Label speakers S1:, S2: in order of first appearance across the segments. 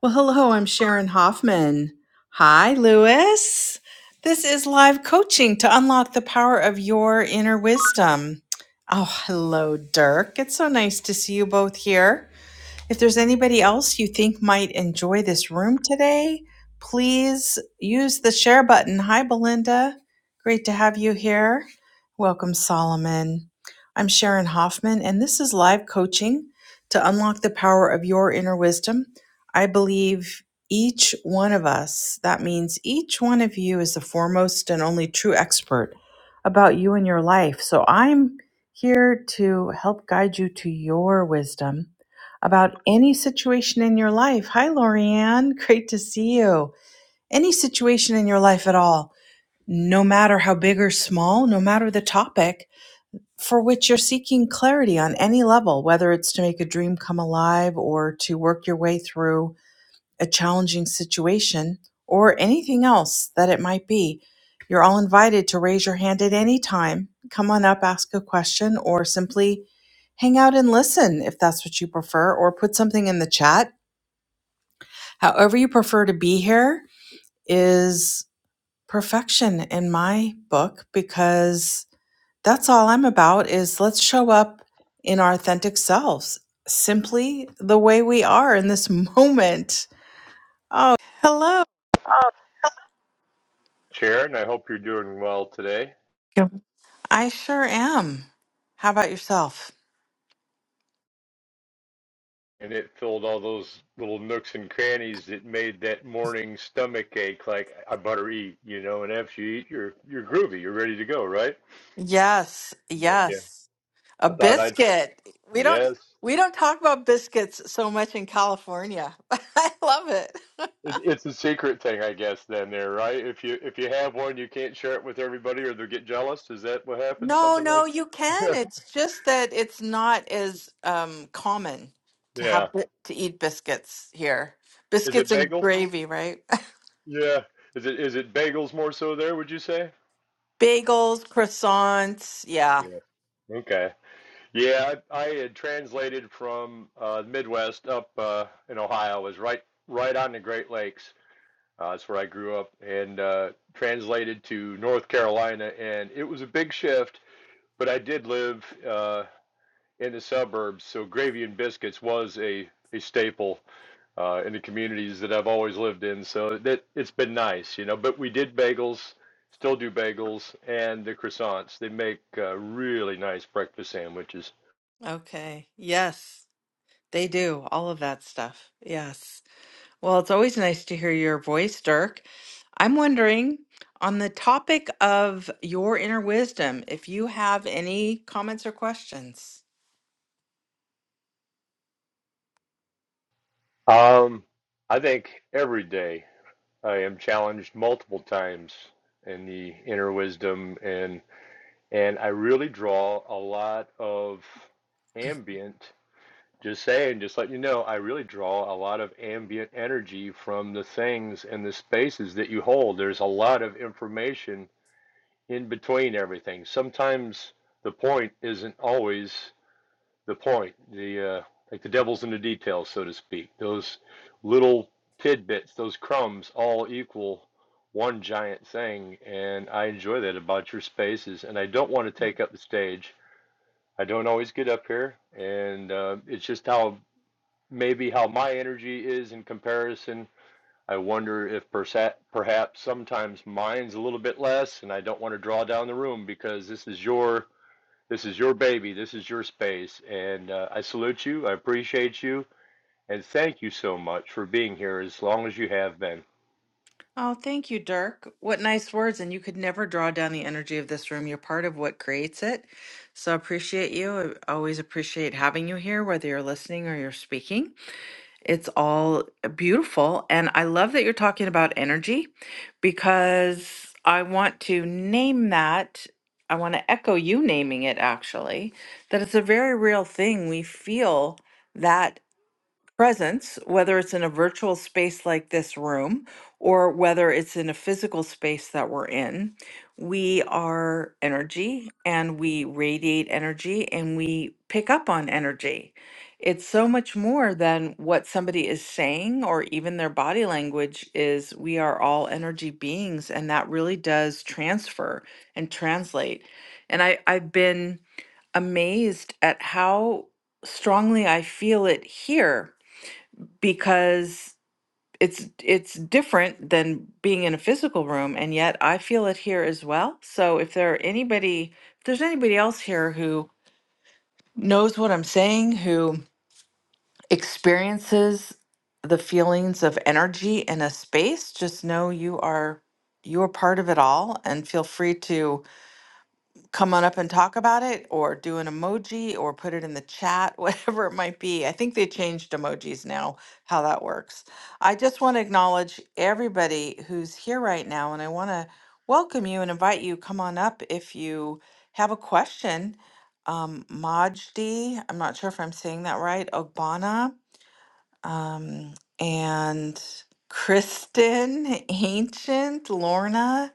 S1: Well, hello, I'm Sharon Hoffman. Hi, Lewis. This is live coaching to unlock the power of your inner wisdom. Oh, hello, Dirk. It's so nice to see you both here. If there's anybody else you think might enjoy this room today, please use the share button. Hi, Belinda. Great to have you here. Welcome, Solomon. I'm Sharon Hoffman, and this is live coaching to unlock the power of your inner wisdom. I believe each one of us, that means each one of you, is the foremost and only true expert about you and your life. So I'm here to help guide you to your wisdom about any situation in your life. Hi, Lorianne. Great to see you. Any situation in your life at all, no matter how big or small, no matter the topic for which you're seeking clarity on any level, whether it's to make a dream come alive or to work your way through a challenging situation, or anything else that it might be, you're all invited to raise your hand at any time. Come on up, ask a question, or simply hang out and listen if that's what you prefer, or put something in the chat. However, you prefer to be here is perfection in my book because that's all I'm about is let's show up in our authentic selves, simply the way we are in this moment. Oh, hello.
S2: Chair and I hope you're doing well today.
S1: I sure am. How about yourself?
S2: And it filled all those little nooks and crannies that made that morning stomach ache like I better eat, you know, and after you eat you're you're groovy, you're ready to go, right?
S1: Yes,
S2: But yeah.
S1: yes. A
S2: I thought I'd
S1: biscuit. We don't
S2: yes.
S1: we don't talk about biscuits so much in California. I love it.
S2: It, it's a secret thing, I guess, then there, right? If you if you have one you can't share it with everybody or they'll get jealous. Is that what happens?
S1: No,
S2: Something
S1: no,
S2: like
S1: you can. It's just that it's not as um common to
S2: Yeah.
S1: have bi- to eat biscuits here.
S2: Is
S1: Biscuits
S2: it
S1: and
S2: bagels?
S1: gravy, right?
S2: Yeah. Is it is it bagels more so there, would you say?
S1: Bagels, croissants. Yeah.
S2: Yeah. Okay. Yeah, I, I had translated from uh, the Midwest up uh, in Ohio. It was right right on the Great Lakes. Uh, that's where I grew up, and uh, translated to North Carolina, and it was a big shift. But I did live uh, in the suburbs, so gravy and biscuits was a a staple uh, in the communities that I've always lived in. So that it's been nice, you know. But we did bagels, still do bagels, and the croissants. They make uh, really nice breakfast sandwiches.
S1: Okay. Yes, they do. All of that stuff. Yes. Well, it's always nice to hear your voice, Dirk. I'm wondering on the topic of your inner wisdom, if you have any comments or questions.
S2: Um, I think every day I am challenged multiple times in the inner wisdom and and I really draw a lot of ambient just saying, just let you know, I really draw a lot of ambient energy from the things and the spaces that you hold. There's a lot of information in between everything. Sometimes the point isn't always the point, the uh, like the devil's in the details, so to speak. Those little tidbits, those crumbs, all equal one giant thing, and I enjoy that about your spaces. And I don't want to take up the stage. I don't always get up here, and uh, it's just how maybe how my energy is in comparison. I wonder if persa- perhaps sometimes mine's a little bit less, and I don't want to draw down the room because this is your this is your baby. This is your space. And uh, I salute you. I appreciate you. And thank you so much for being here as long as you have been.
S1: Oh, thank you, Dirk. What nice words. And you could never draw down the energy of this room. You're part of what creates it. So I appreciate you. I always appreciate having you here, whether you're listening or you're speaking. It's all beautiful. And I love that you're talking about energy because I want to name that. I want to echo you naming it actually, that it's a very real thing. We feel that presence, whether it's in a virtual space like this room or whether it's in a physical space that we're in, we are energy and we radiate energy and we pick up on energy. It's so much more than what somebody is saying or even their body language is. We are all energy beings, and that really does transfer and translate. And I, I've been amazed at how strongly I feel it here because it's it's different than being in a physical room and yet I feel it here as well. So if there are anybody if there's anybody else here who knows what I'm saying, who experiences the feelings of energy in a space, just know you are you are part of it all and feel free to come on up and talk about it or do an emoji or put it in the chat, whatever it might be. I think they changed emojis now, how that works. I just want to acknowledge everybody who's here right now and I want to welcome you and invite you come on up if you have a question. Um, Majdi, I'm not sure if I'm saying that right, Ogbana, um, and Kristen, Ancient, Lorna,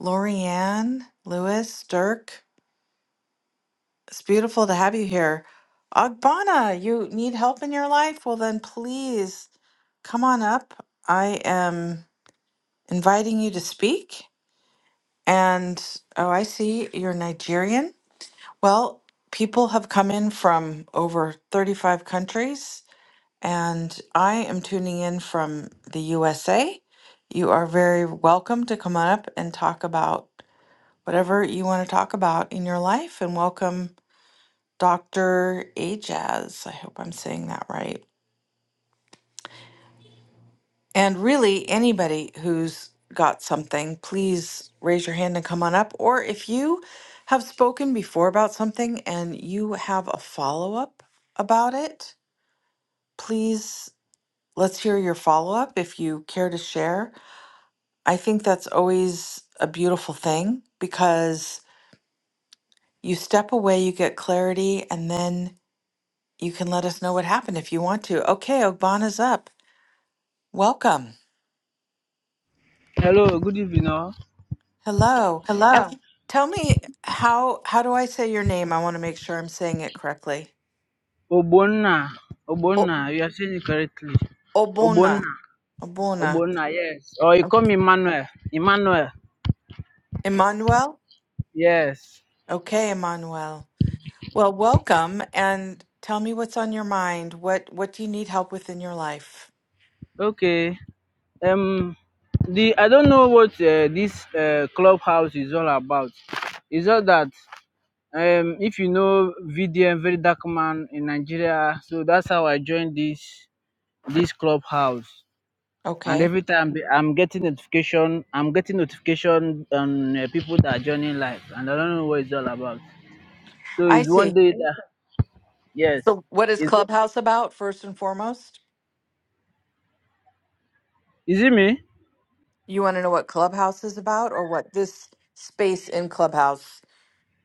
S1: Lorianne, Lewis, Dirk. It's beautiful to have you here. Agbana, you need help in your life? Well, then please come on up. I am inviting you to speak. And oh, I see you're Nigerian. Well, people have come in from over 35 countries, and I am tuning in from the USA. You are very welcome to come on up and talk about whatever you want to talk about in your life. And welcome Dr. Ajaz, I hope I'm saying that right. And really, anybody who's got something, please raise your hand and come on up. Or if you have spoken before about something and you have a follow up about it, please let's hear your follow up if you care to share. I think that's always a beautiful thing because you step away, you get clarity, and then you can let us know what happened if you want to. Okay, Ogbana's up. Welcome.
S3: Hello, good evening. all.
S1: Hello. And tell me how how do I say your name? I want to make sure I'm saying it correctly.
S3: Ogbonna,
S1: O
S3: Ogbonna, you are saying it correctly.
S1: Obona.
S3: Ogbonna,
S1: Obona.
S3: Ogbonna, yes. Or you call me Emmanuel. Emmanuel,
S1: Emmanuel?
S3: yes.
S1: Okay, Emmanuel. Well, welcome and tell me what's on your mind. What what do you need help with in your life?
S3: Okay. Um, the I don't know what uh, this uh, clubhouse is all about. It's all that um, if you know VDM, very dark man in Nigeria. So that's how I joined this this clubhouse. and
S1: Okay.
S3: every time be- I'm getting notification, I'm getting notification on uh, people that are joining live, and I don't know what it's all about. So
S1: I
S3: it's one
S1: see.
S3: day that yes,
S1: So what is
S3: it's
S1: Clubhouse about first and foremost?
S3: is it me?
S1: You want to know what Clubhouse is about or what this space in Clubhouse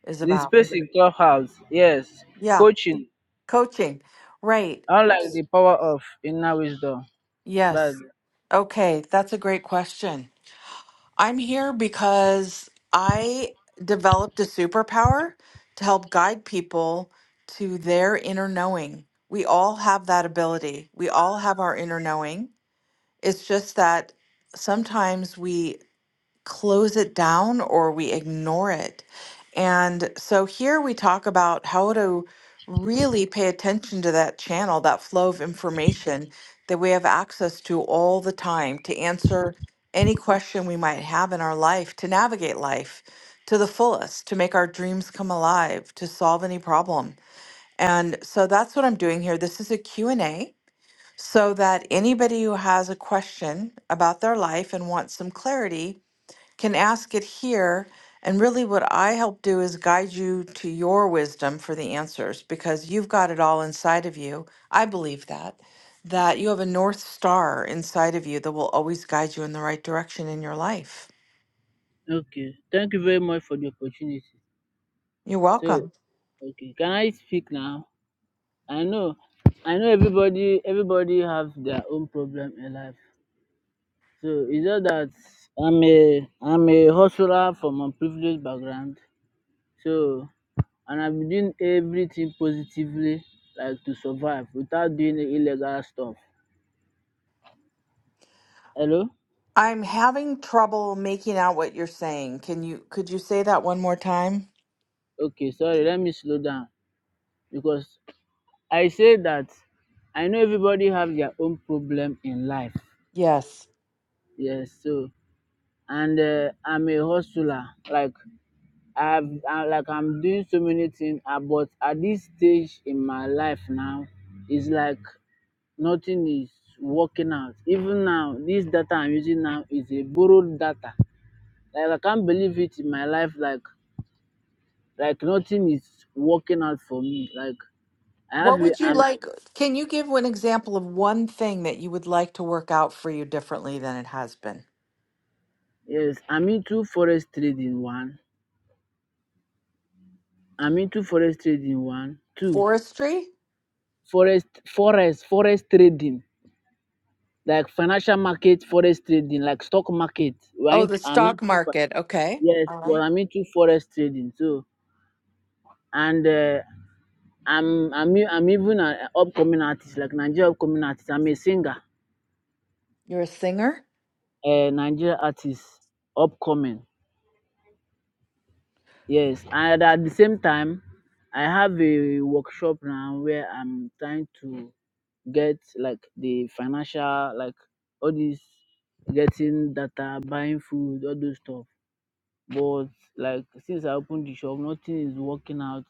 S1: is
S3: The
S1: about?
S3: space in clubhouse, yes,
S1: Yeah,
S3: coaching.
S1: coaching. Right.
S3: Unlike the power of inner wisdom, but
S1: Yes. Okay, that's a great question. I'm here because I developed a superpower to help guide people to their inner knowing. We all have that ability. We all have our inner knowing. It's just that sometimes we close it down or we ignore it. And so here we talk about how to really pay attention to that channel, that flow of information that we have access to all the time to answer any question we might have in our life, to navigate life to the fullest, to make our dreams come alive, to solve any problem. And so that's what I'm doing here. This is a Q and a so that anybody who has a question about their life and wants some clarity can ask it here. And really, what I help do is guide you to your wisdom for the answers because you've got it all inside of you. I believe that, that you have a North Star inside of you that will always guide you in the right direction in your life.
S3: okay. Thank you very much for the opportunity.
S1: You're
S3: So,
S1: welcome.
S3: okay, can I speak now? I know, I know everybody. Everybody have their own problem in life. So it's just that I'm a I'm a hustler from a privileged background. So and I've been doing everything positively, like to survive without doing the illegal stuff. Hello?
S1: I'm having trouble making out what you're saying. Can you, could you say that one more time?
S3: Okay, sorry, let me slow down. Because I say that I know everybody have their own problem in life.
S1: Yes.
S3: Yes, so and uh, I'm a hustler. Like I've I, like I'm doing so many things, uh, but at this stage in my life now, it's like nothing is working out. Even now, this data I'm using now is a borrowed data. Like I can't believe it in my life. Like like nothing is working out for me. Like I have
S1: What
S3: a,
S1: would you
S3: I'm
S1: like? Can you give an example of one thing that you would like to work out for you differently than it has been?
S3: yes I'm into forest trading one. I'm into forest trading one two
S1: Forestry?
S3: forest forest forest trading like financial market forest trading like stock market. We're
S1: Oh,
S3: into,
S1: the
S3: I'm
S1: stock
S3: into fi-
S1: market. Okay.
S3: yes,
S1: All
S3: but
S1: right.
S3: I'm into forest trading too and uh, I'm I'm e- I'm even an upcoming artist, like Nigeria upcoming artist. I'm a singer,
S1: You're a singer.
S3: a Nigeria artist, upcoming. Yes, and at the same time, I have a workshop now where I'm trying to get like the financial, like all this getting data, buying food, all those stuff. But like since I opened the shop, nothing is working out.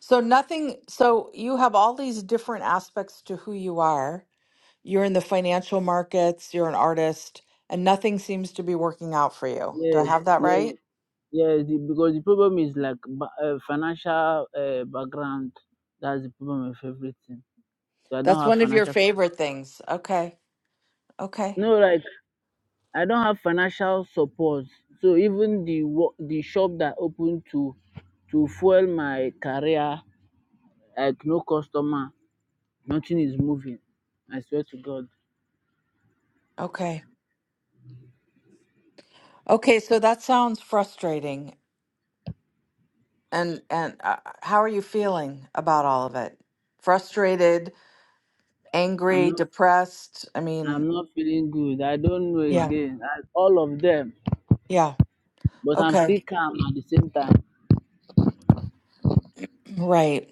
S1: So nothing, so you have all these different aspects to who you are. You're in the financial markets, you're an artist, and nothing seems to be working out for you. Do I
S3: Yes,
S1: have that
S3: yes,
S1: right?
S3: Yes, the, because the problem is like ba- uh, financial uh, background. That's the problem with everything. So I don't
S1: That's
S3: have
S1: one of your
S3: financial. Support.
S1: favorite things. Okay. Okay.
S3: No, like I don't have financial support. So even the wo- the shop that opened to to fuel my career, like no customer, nothing is moving. I swear to God,
S1: Okay. Okay, so that sounds frustrating. And and uh, how are you feeling about all of it? Frustrated,
S3: I'm
S1: angry,
S3: not
S1: depressed? I
S3: I'm
S1: mean,
S3: not feeling good. I don't know
S1: yeah.
S3: again. I, all of them,
S1: Yeah.
S3: but I'm
S1: Okay.
S3: still calm at the same time.
S1: Right.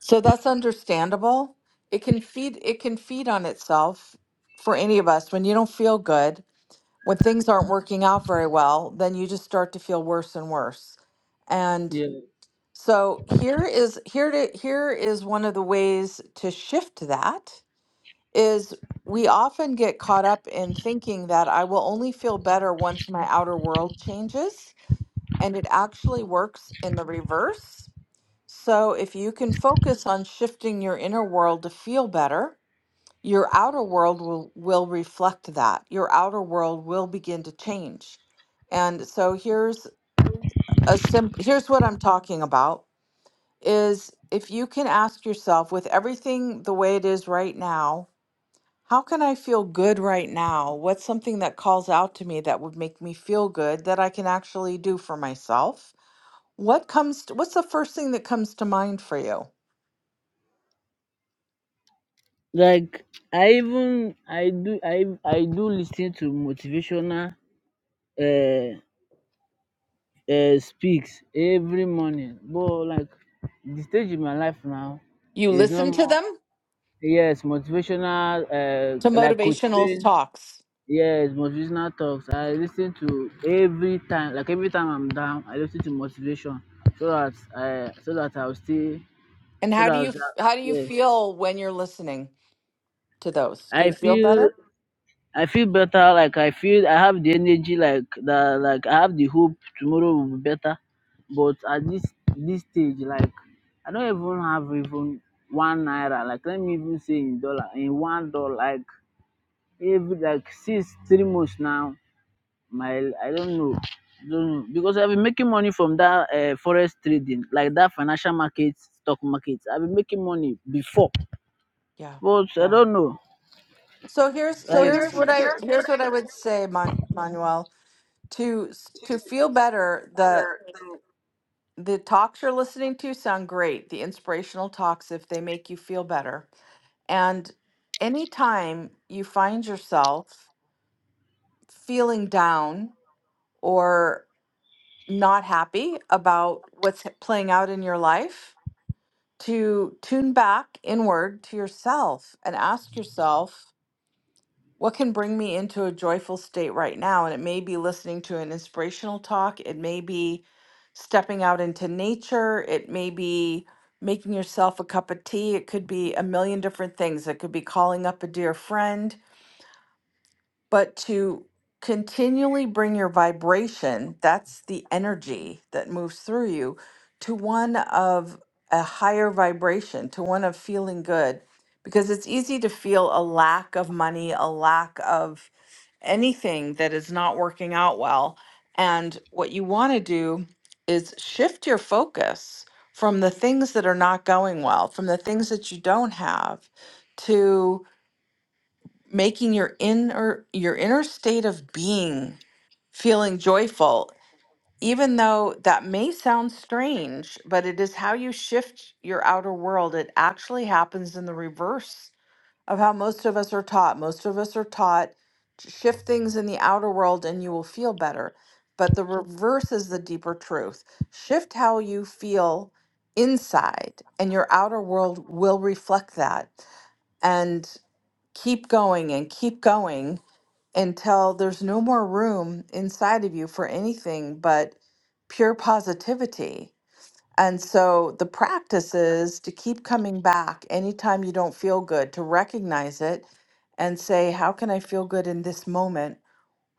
S1: So that's understandable. It can feed it can feed on itself for any of us when you don't feel good, when things aren't working out very well, then you just start to feel worse and worse. And
S3: Yeah.
S1: so here is here to here is one of the ways to shift that is we often get caught up in thinking that I will only feel better once my outer world changes, and it actually works in the reverse so, if you can focus on shifting your inner world to feel better, your outer world will, will reflect that. Your outer world will begin to change. And so here's a simp- here's what I'm talking about is if you can ask yourself with everything the way it is right now, how can I feel good right now? What's something that calls out to me that would make me feel good that I can actually do for myself? What comes what's the first thing that comes to mind for you?
S3: Like I even I do I I do listen to motivational uh, uh speaks every morning. But like the stage in my life now
S1: You
S3: is no
S1: listen to
S3: more
S1: them
S3: yes, motivational uh
S1: to
S3: like coach
S1: motivational
S3: Payne,
S1: talks.
S3: yes, motivational talks. I listen to every time like every time I'm down, I listen to motivation so that I so that I'll stay
S1: And
S3: so
S1: how
S3: that
S1: do you how do
S3: I'll,
S1: you
S3: yes.
S1: feel when you're listening to those? Do
S3: I
S1: you feel
S3: feel
S1: better?
S3: I feel better. Like I feel I have the energy. Like the like I have the hope tomorrow will be better. But at this this stage, like I don't even have even one naira. Like let me even say in dollar in one dollar. Like every like since three months now, my I don't know. I don't know because I've been making money from that uh, forest trading, like that financial market, stock market. I've been making money before,
S1: Yeah.
S3: but I Yeah. don't know.
S1: So here's
S3: Like
S1: here's what I here's what I would say, Mon- Manuel. To s- to feel better, the the talks you're listening to sound great. The inspirational talks, if they make you feel better, and anytime you find yourself feeling down or not happy about what's h- playing out in your life, to tune back inward to yourself and ask yourself, what can bring me into a joyful state right now? And it may be listening to an inspirational talk, it may be stepping out into nature, it may be making yourself a cup of tea, it could be a million different things. It could be calling up a dear friend, but to continually bring your vibration that's the energy that moves through you to one of a higher vibration to one of feeling good because it's easy to feel a lack of money a lack of anything that is not working out well and what you want to do is shift your focus from the things that are not going well from the things that you don't have making your inner your inner state of being feeling joyful even though that may sound strange but it is how you shift your outer world it actually happens in the reverse of how most of us are taught most of us are taught to shift things in the outer world and you will feel better but the reverse is the deeper truth shift how you feel inside and your outer world will reflect that and keep going and keep going until there's no more room inside of you for anything but pure positivity. And so the practice is to keep coming back anytime you don't feel good, to recognize it and say, How can I feel good in this moment?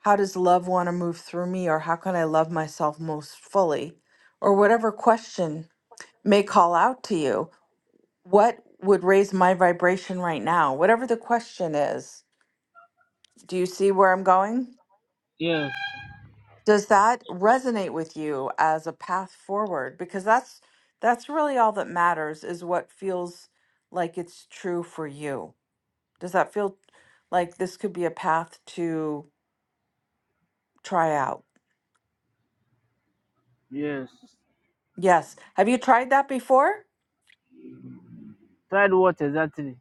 S1: How does love want to move through me? Or how can I love myself most fully? Or whatever question may call out to you. What would raise my vibration right now? Whatever the question is. Do you see where I'm going?
S3: yes,
S1: does that resonate with you as a path forward because that's that's really all that matters is what feels like it's true for you does that feel like this could be a path to try out
S3: yes.
S1: yes have you tried that before
S3: Tried what exactly?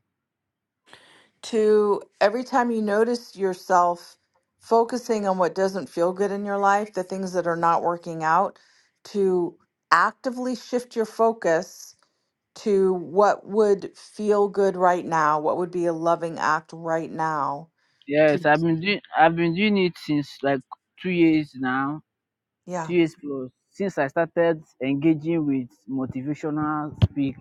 S1: to every time you notice yourself focusing on what doesn't feel good in your life the things that are not working out to actively shift your focus to what would feel good right now, what would be a loving act right now.
S3: Yes,
S1: to-
S3: I've been doing I've been doing it since like two years now,
S1: Yeah.
S3: two years plus since I started engaging with motivational speak.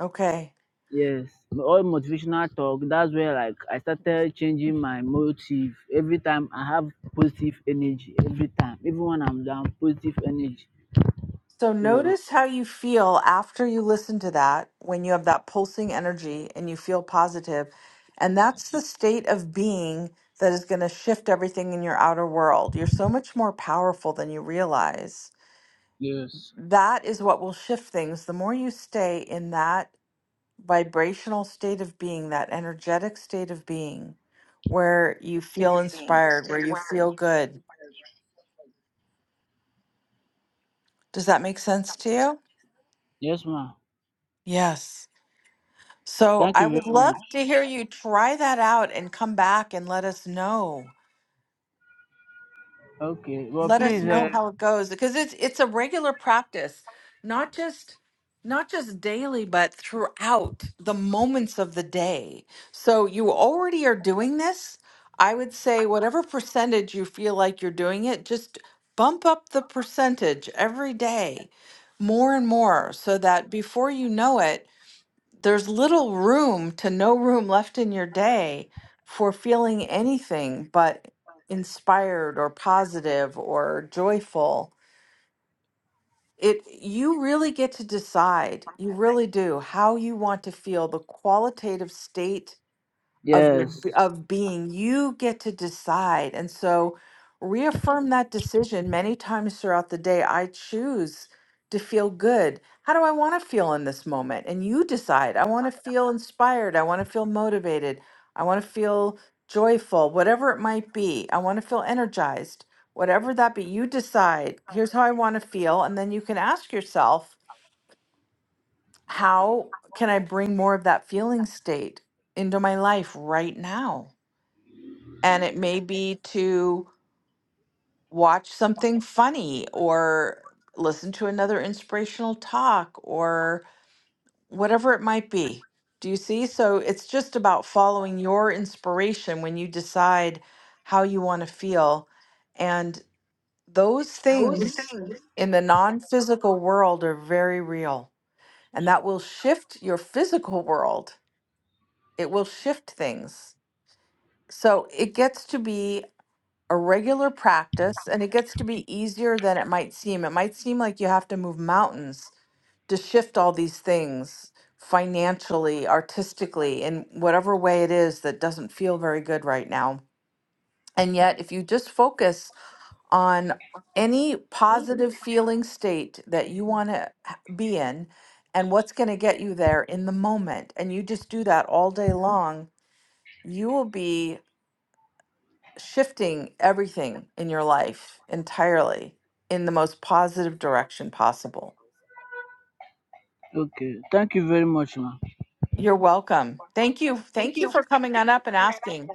S1: Okay.
S3: Yes, all motivational talk. That's where like I started changing my motive. Every time I have positive energy. Every time, even when I'm down, positive energy.
S1: So
S3: So
S1: notice how you feel after you listen to that when you have that pulsing energy and you feel positive. And that's the state of being that is going to shift everything in your outer world. You're so much more powerful than you realize.
S3: yes,
S1: That is what will shift things. The more you stay in that vibrational state of being, that energetic state of being where you feel inspired, where you feel good. Does that make sense to you?
S3: yes, ma'am.
S1: Yes. So
S3: Thank you
S1: I would
S3: very
S1: love
S3: much.
S1: to hear you try that out and come back and let us know.
S3: Okay, well,
S1: let us
S3: please.
S1: know
S3: Uh,
S1: how it goes because it's it's a regular practice not just not just daily but throughout the moments of the day so you already are doing this i would say whatever percentage you feel like you're doing it just bump up the percentage every day more and more so that before you know it there's little room to no room left in your day for feeling anything but inspired or positive or joyful it you really get to decide you really do how you want to feel the qualitative state of your
S3: yes.
S1: b- of being you get to decide and so reaffirm that decision many times throughout the day i choose to feel good how do i want to feel in this moment and you decide i want to feel inspired i want to feel motivated i want to feel joyful whatever it might be i want to feel energized whatever that be you decide here's how i want to feel and then you can ask yourself how can i bring more of that feeling state into my life right now and it may be to watch something funny or listen to another inspirational talk or whatever it might be. Do you see? So it's just about following your inspiration when you decide how you want to feel. And those things in the non physical world are very real. And that will shift your physical world. It will shift things. So it gets to be a regular practice and it gets to be easier than it might seem. It might seem like you have to move mountains to shift all these things financially, artistically, in whatever way it is that doesn't feel very good right now. And yet, if you just focus on any positive feeling state that you want to be in and what's going to get you there in the moment, and you just do that all day long, you will be shifting everything in your life entirely in the most positive direction possible.
S3: Okay, thank you very much, ma'am.
S1: You're welcome. Thank you. Thank you for coming on up and asking.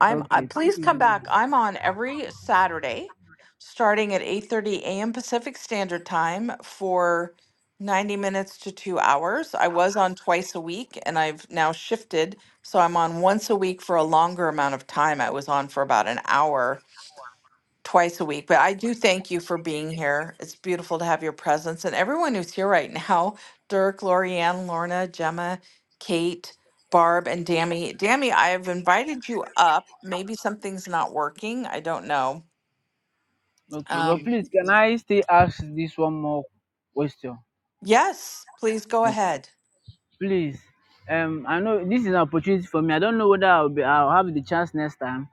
S1: I'm uh,
S3: Okay, thank
S1: please
S3: you
S1: come
S3: very
S1: back.
S3: much.
S1: I'm on every Saturday starting at 8:30 a.m. Pacific Standard Time for 90 minutes to 2 hours. I was on twice a week and I've now shifted so I'm on once a week for a longer amount of time. I was on for about an hour twice a week. But I do thank you for being here. It's beautiful to have your presence and everyone who's here right now Dirk, Lorianne, Lorna, Gemma, Kate, Barb, and Dammy. Dammy, I've invited you up. Maybe something's not working. I don't know.
S3: Okay, but
S1: Um,
S3: please, can I still ask this one more question?
S1: yes, please go
S3: Okay.
S1: ahead.
S3: Please, um, I know this is an opportunity for me. I don't know whether I'll be, I'll have the chance next time.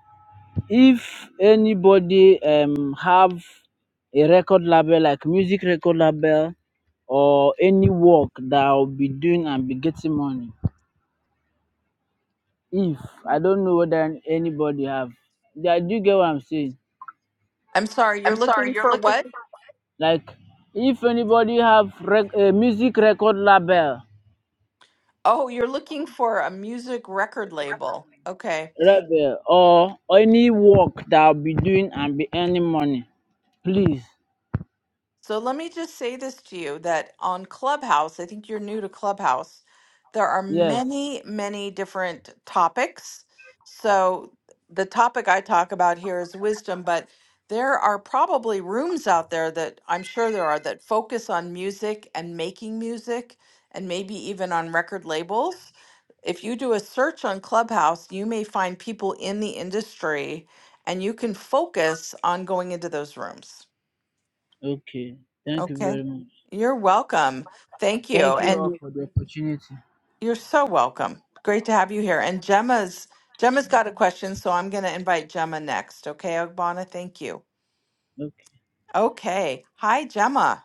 S3: If anybody um have a record label like music record label or any work that I'll be doing and be getting money, if I don't know whether anybody have, yeah, do you get what I'm saying?
S1: I'm sorry, you're looking for what?
S3: Like if anybody have rec- a music record label,
S1: Oh, you're looking for a music record label. Okay.
S3: label or any work that I'll be doing and be earning money, please.
S1: So let me just say this to you that on Clubhouse, I think you're new to Clubhouse, there are
S3: Yes.
S1: many, many different topics. So the topic I talk about here is wisdom, but there are probably rooms out there that I'm sure there are that focus on music and making music and maybe even on record labels. If you do a search on Clubhouse, you may find people in the industry and you can focus on going into those rooms.
S3: Okay. Thank you
S1: Okay.
S3: very much.
S1: You're welcome. Thank you.
S3: Thank you all
S1: And
S3: for the opportunity.
S1: you're so welcome. Great to have you here. And Gemma's Gemma's got a question, so I'm going to invite Gemma next. Okay, Ogbonna, thank you.
S3: Okay.
S1: Okay. Hi, Gemma.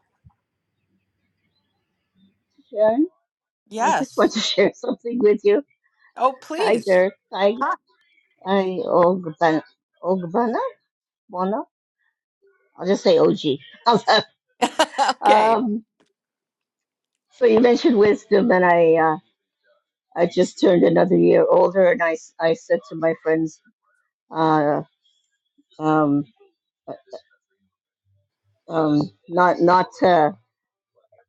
S4: Sharon, I just want
S1: Yes.
S4: to share something with you.
S1: Oh,
S4: Hi
S1: please.
S4: there. Hi, hi, Ogbana. Ogbana? Bona? I'll just say OG.
S1: Okay.
S4: um, so you mentioned wisdom, and I, uh, I just turned another year older, and I, s- I said to my friends, uh, um, uh, um, not, not, uh,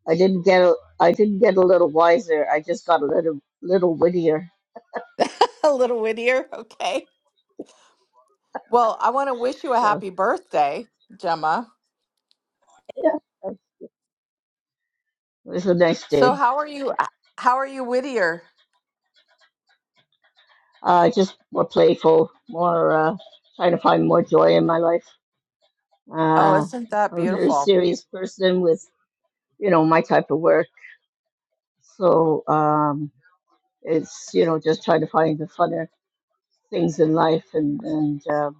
S4: I didn't get, a, I didn't get a little wiser. I just got a little, little wittier.
S1: A little wittier. Okay. Well, I want to wish you a
S4: So
S1: happy birthday, Gemma.
S4: yeah, it was a nice
S1: So,
S4: day.
S1: how are you how are you Whittier?
S4: Uh, just more playful, more uh, trying to find more joy in my life.
S1: Oh,
S4: Uh,
S1: isn't that
S4: I'm a very
S1: beautiful?
S4: serious person with, you know, my type of work. So um, it's, you know, just trying to find the funner things in life and, and uh,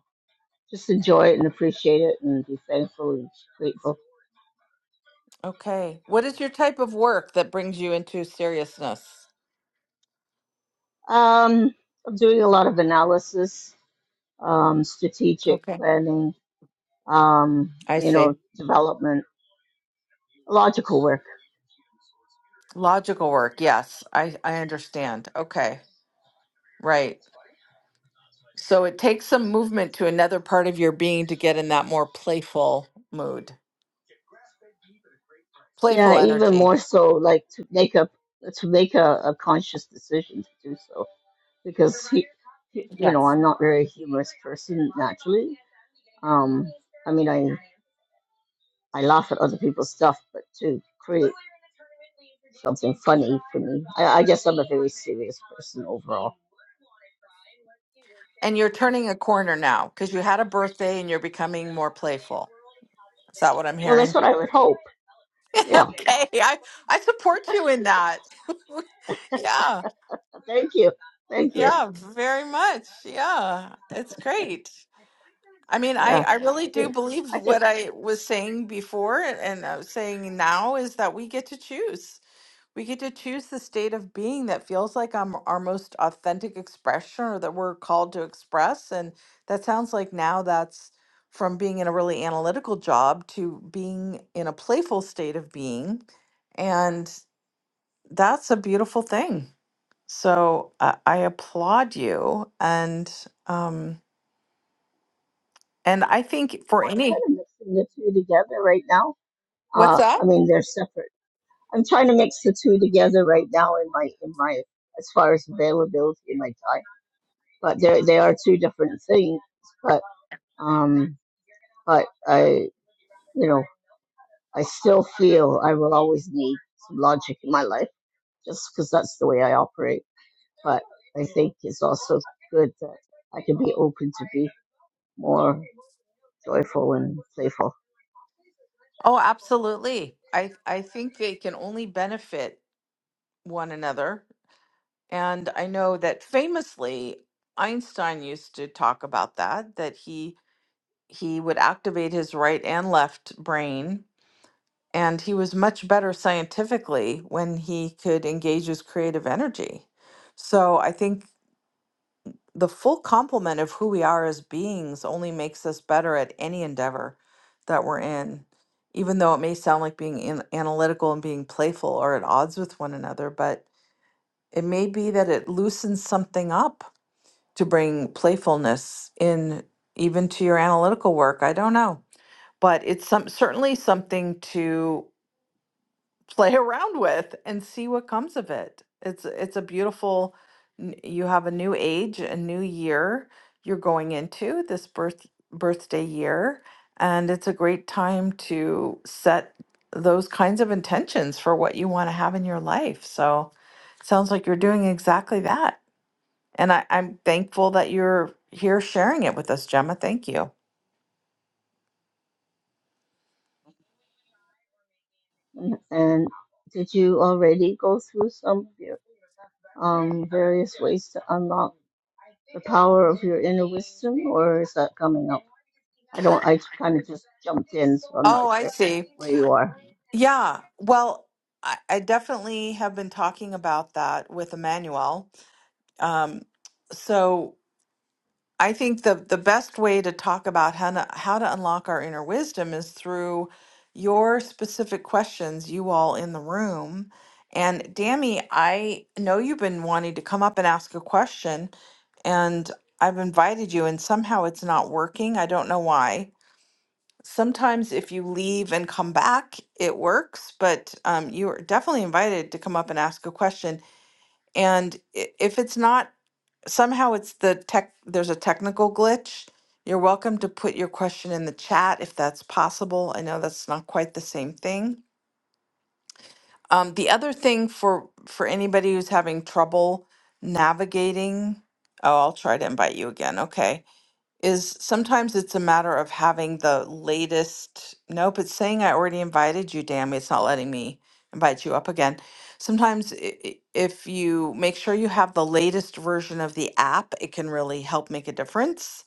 S4: just enjoy it and appreciate it and be thankful and grateful.
S1: Okay. What is your type of work that brings you into seriousness?
S4: Um, I'm doing a lot of analysis, um, strategic
S1: Okay.
S4: planning, um,
S1: I
S4: you
S1: see.
S4: know, development, logical work
S1: Logical work. Yes, I, I understand. Okay. Right. So it takes some movement to another part of your being to get in that more playful mood,
S4: Yeah,
S1: playful
S4: even
S1: energy.
S4: more so, like to make a to make a, a conscious decision to do so, because he, he- you know, I'm not very humorous person naturally. Um, I mean, I I laugh at other people's stuff, but to create something funny for me, I, I guess I'm a very serious person overall.
S1: And you're turning a corner now because you had a birthday and you're becoming more playful. Is that what I'm
S4: Well, that's
S1: hearing?
S4: what I would hope. Yeah.
S1: okay. I, I support you in that. yeah.
S4: Thank you. Thank you.
S1: Yeah. Very much. Yeah. It's great. I mean, I,
S4: Yeah,
S1: I really
S4: I
S1: do
S4: think
S1: believe
S4: I think
S1: what I was saying before and I was saying now is that we get to choose. We get to choose the state of being that feels like I'm our most authentic expression or that we're called to express. And that sounds like now that's from being in a really analytical job to being in a playful state of being. And that's a beautiful thing. So I I applaud you. And, um, and I think for
S4: so I'm kind
S1: any,
S4: of mixing the two together right now.
S1: what's
S4: Uh,
S1: that?
S4: I mean they're separate. I'm trying to mix the two together right now in my in my as far as availability in my time, but they they are two different things. But um, but I you know I still feel I will always need some logic in my life just because that's the way I operate. But I think it's also good that I can be open to be more joyful and playful.
S1: Oh, absolutely. I I think they can only benefit one another. And I know that famously Einstein used to talk about that that he he would activate his right and left brain and he was much better scientifically when he could engage his creative energy. So I think the full complement of who we are as beings only makes us better at any endeavor that we're in even though it may sound like being an analytical and being playful are at odds with one another but it may be that it loosens something up to bring playfulness in even to your analytical work i don't know but it's some certainly something to play around with and see what comes of it. It's it's a beautiful n- you have a new age, a new year you're going into this birth birthday year and it's a great time to set those kinds of intentions for what you want to have in your life. So sounds like you're doing exactly that. And I, I'm thankful that you're here sharing it with us, Gemma. Thank you.
S4: And did you already go through some um, various ways to unlock the power of your inner wisdom, or is that coming up? I don't. I kind of just jumped in, so I'm not
S1: Oh, I
S4: sure
S1: see.
S4: where you are.
S1: Yeah, well, I, I definitely have been talking about that with Emmanuel. Um, so I think the the best way to talk about how to, how to unlock our inner wisdom is through your specific questions, you all in the room. And Dami, I know you've been wanting to come up and ask a question, and I've invited you, and somehow it's not working. I don't know why. Sometimes if you leave and come back, it works, but um, you are definitely invited to come up and ask a question. And i- if it's not, somehow it's the tech, there's a technical glitch. You're welcome to put your question in the chat if that's possible. I know that's not quite the same thing. Um, the other thing for for anybody who's having trouble navigating, oh, I'll try to invite you again. Okay is sometimes it's a matter of having the latest. Nope, it's saying I already invited you. Damn, it's not letting me invite you up again. Sometimes, i- i- if you make sure you have the latest version of the app, it can really help make a difference.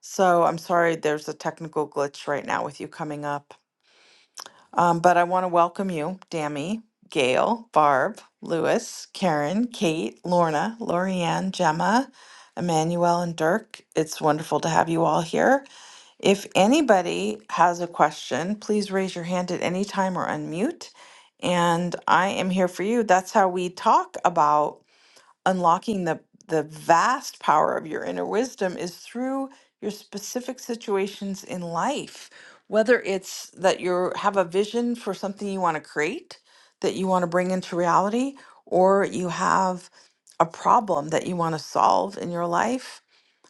S1: So I'm sorry, there's a technical glitch right now with you coming up. Um, but I want to welcome you, Dammy, Gail, Barb, Lewis, Karen, Kate, Lorna, Lorianne, Gemma, Emmanuel, and Dirk. It's wonderful to have you all here. If anybody has a question, please raise your hand at any time or unmute. And I am here for you. That's how we talk about unlocking the, the vast power of your inner wisdom is through your specific situations in life. Whether it's that you have a vision for something you want to create, that you want to bring into reality, or you have a problem that you want to solve in your life,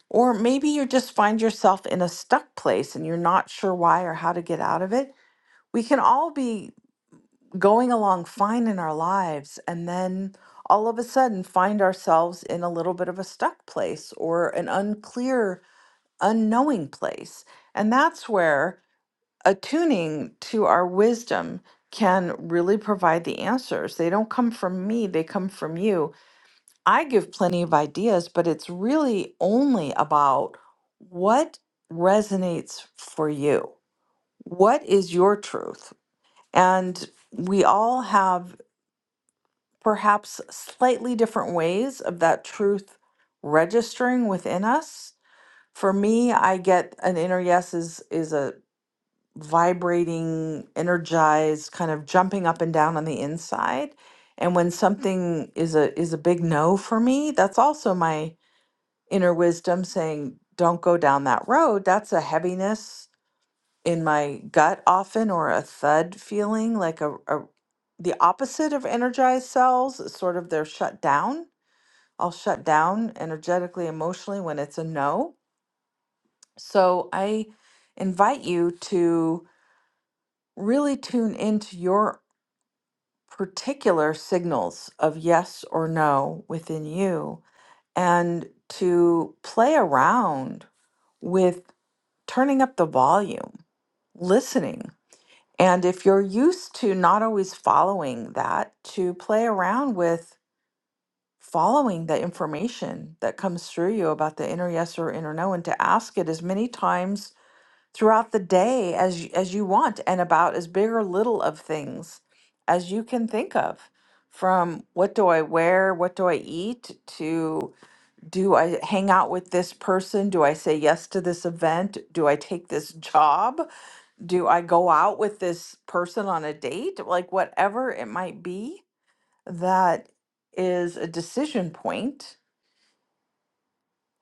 S1: or maybe you just find yourself in a stuck place and you're not sure why or how to get out of it. We can all be going along fine in our lives and then all of a sudden find ourselves in a little bit of a stuck place or an unclear, unknowing place. And that's where attuning to our wisdom can really provide the answers. They don't come from me, they come from you. I give plenty of ideas, but it's really only about what resonates for you. What is your truth? And we all have perhaps slightly different ways of that truth registering within us. For me, I get an inner yes is is a vibrating, energized, kind of jumping up and down on the inside. And when something is a is a big no for me, that's also my inner wisdom saying, don't go down that road, that's a heaviness in my gut often or a thud feeling, like a, a the opposite of energized cells, is sort of they're shut down. I'll shut down energetically, emotionally when it's a no. So I invite you to really tune into your particular signals of yes or no within you and to play around with turning up the volume, listening. And if you're used to not always following that, to play around with following the information that comes through you about the inner yes or inner no, and to ask it as many times throughout the day as y- as you want, and about as big or little of things as you can think of. From what do I wear? What do I eat? To do I hang out with this person? Do I say yes to this event? Do I take this job? do I go out with this person on a date? Like, whatever it might be, that is a decision point.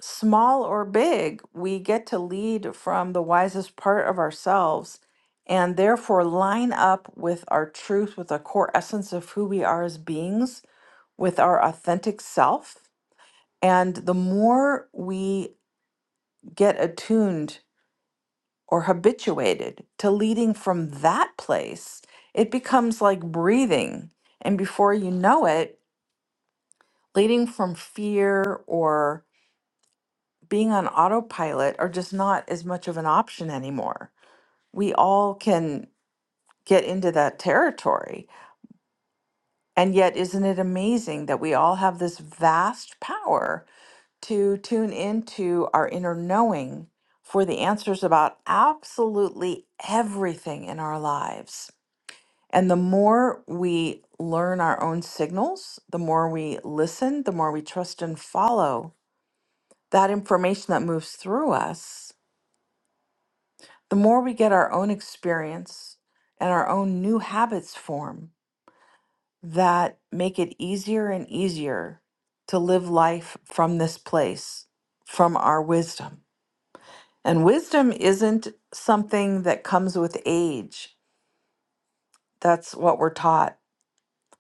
S1: Small or big, we get to lead from the wisest part of ourselves and therefore line up with our truth, with the core essence of who we are as beings, with our authentic self. And the more we get attuned or habituated to leading from that place, it becomes like breathing. And before you know it, leading from fear or being on autopilot are just not as much of an option anymore. We all can get into that territory. And yet, isn't it amazing that we all have this vast power to tune into our inner knowing for the answers about absolutely everything in our lives? And the more we learn our own signals, the more we listen, the more we trust and follow that information that moves through us, the more we get our own experience and our own new habits form that make it easier and easier to live life from this place, from our wisdom. And wisdom isn't something that comes with age. That's what we're taught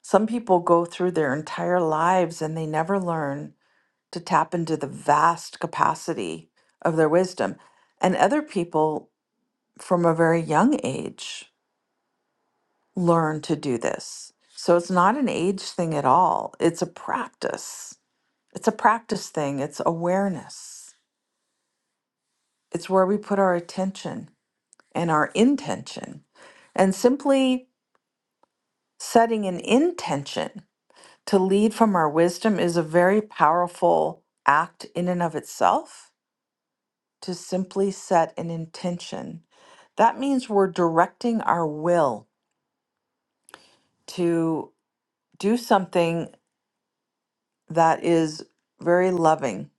S1: Some people go through their entire lives and they never learn to tap into the vast capacity of their wisdom. And other people from a very young age learn to do this. So it's not an age thing at all, it's a practice. It's a practice thing, it's awareness. It's where we put our attention and our intention. And simply setting an intention to lead from our wisdom is a very powerful act in and of itself to simply set an intention. That means we're directing our will to do something that is very loving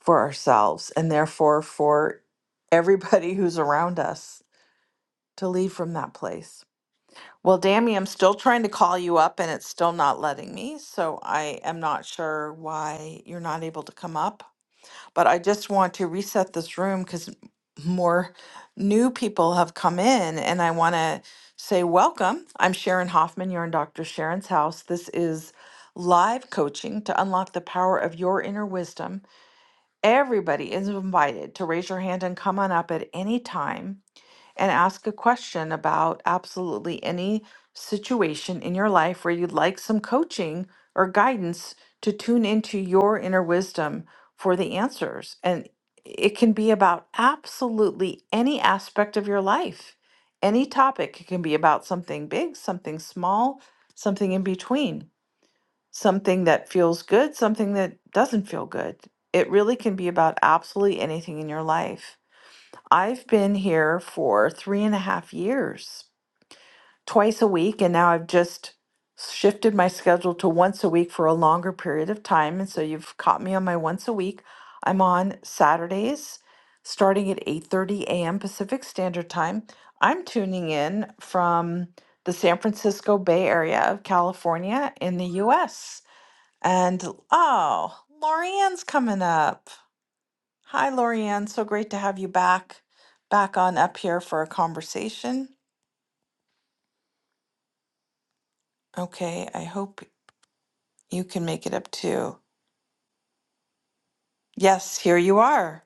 S1: for ourselves and therefore for everybody who's around us to lead from that place. Well, Dammy, I'm still trying to call you up and it's still not letting me. So I am not sure why you're not able to come up. but I just want to reset this room because more new people have come in and I want to say welcome. I'm Sharon Hoffman. You're in Dr. Sharon's house. This is live coaching to unlock the power of your inner wisdom. Everybody is invited to raise your hand and come on up at any time and ask a question about absolutely any situation in your life where you'd like some coaching or guidance to tune into your inner wisdom for the answers. And it can be about absolutely any aspect of your life, any topic. It can be about something big, something small, something in between, something that feels good, something that doesn't feel good. It really can be about absolutely anything in your life. I've been here for three and a half years, twice a week, and now I've just shifted my schedule to once a week for a longer period of time. And so you've caught me on my once a week. I'm on Saturdays, starting at 8:30 a.m. Pacific Standard Time. I'm tuning in from the San Francisco Bay Area of California in the U.S. And oh, Lorianne's coming up. Hi, Lorianne. So great to have you back, back on up here for a conversation. Okay, I hope you can make it up too. Yes, here you are.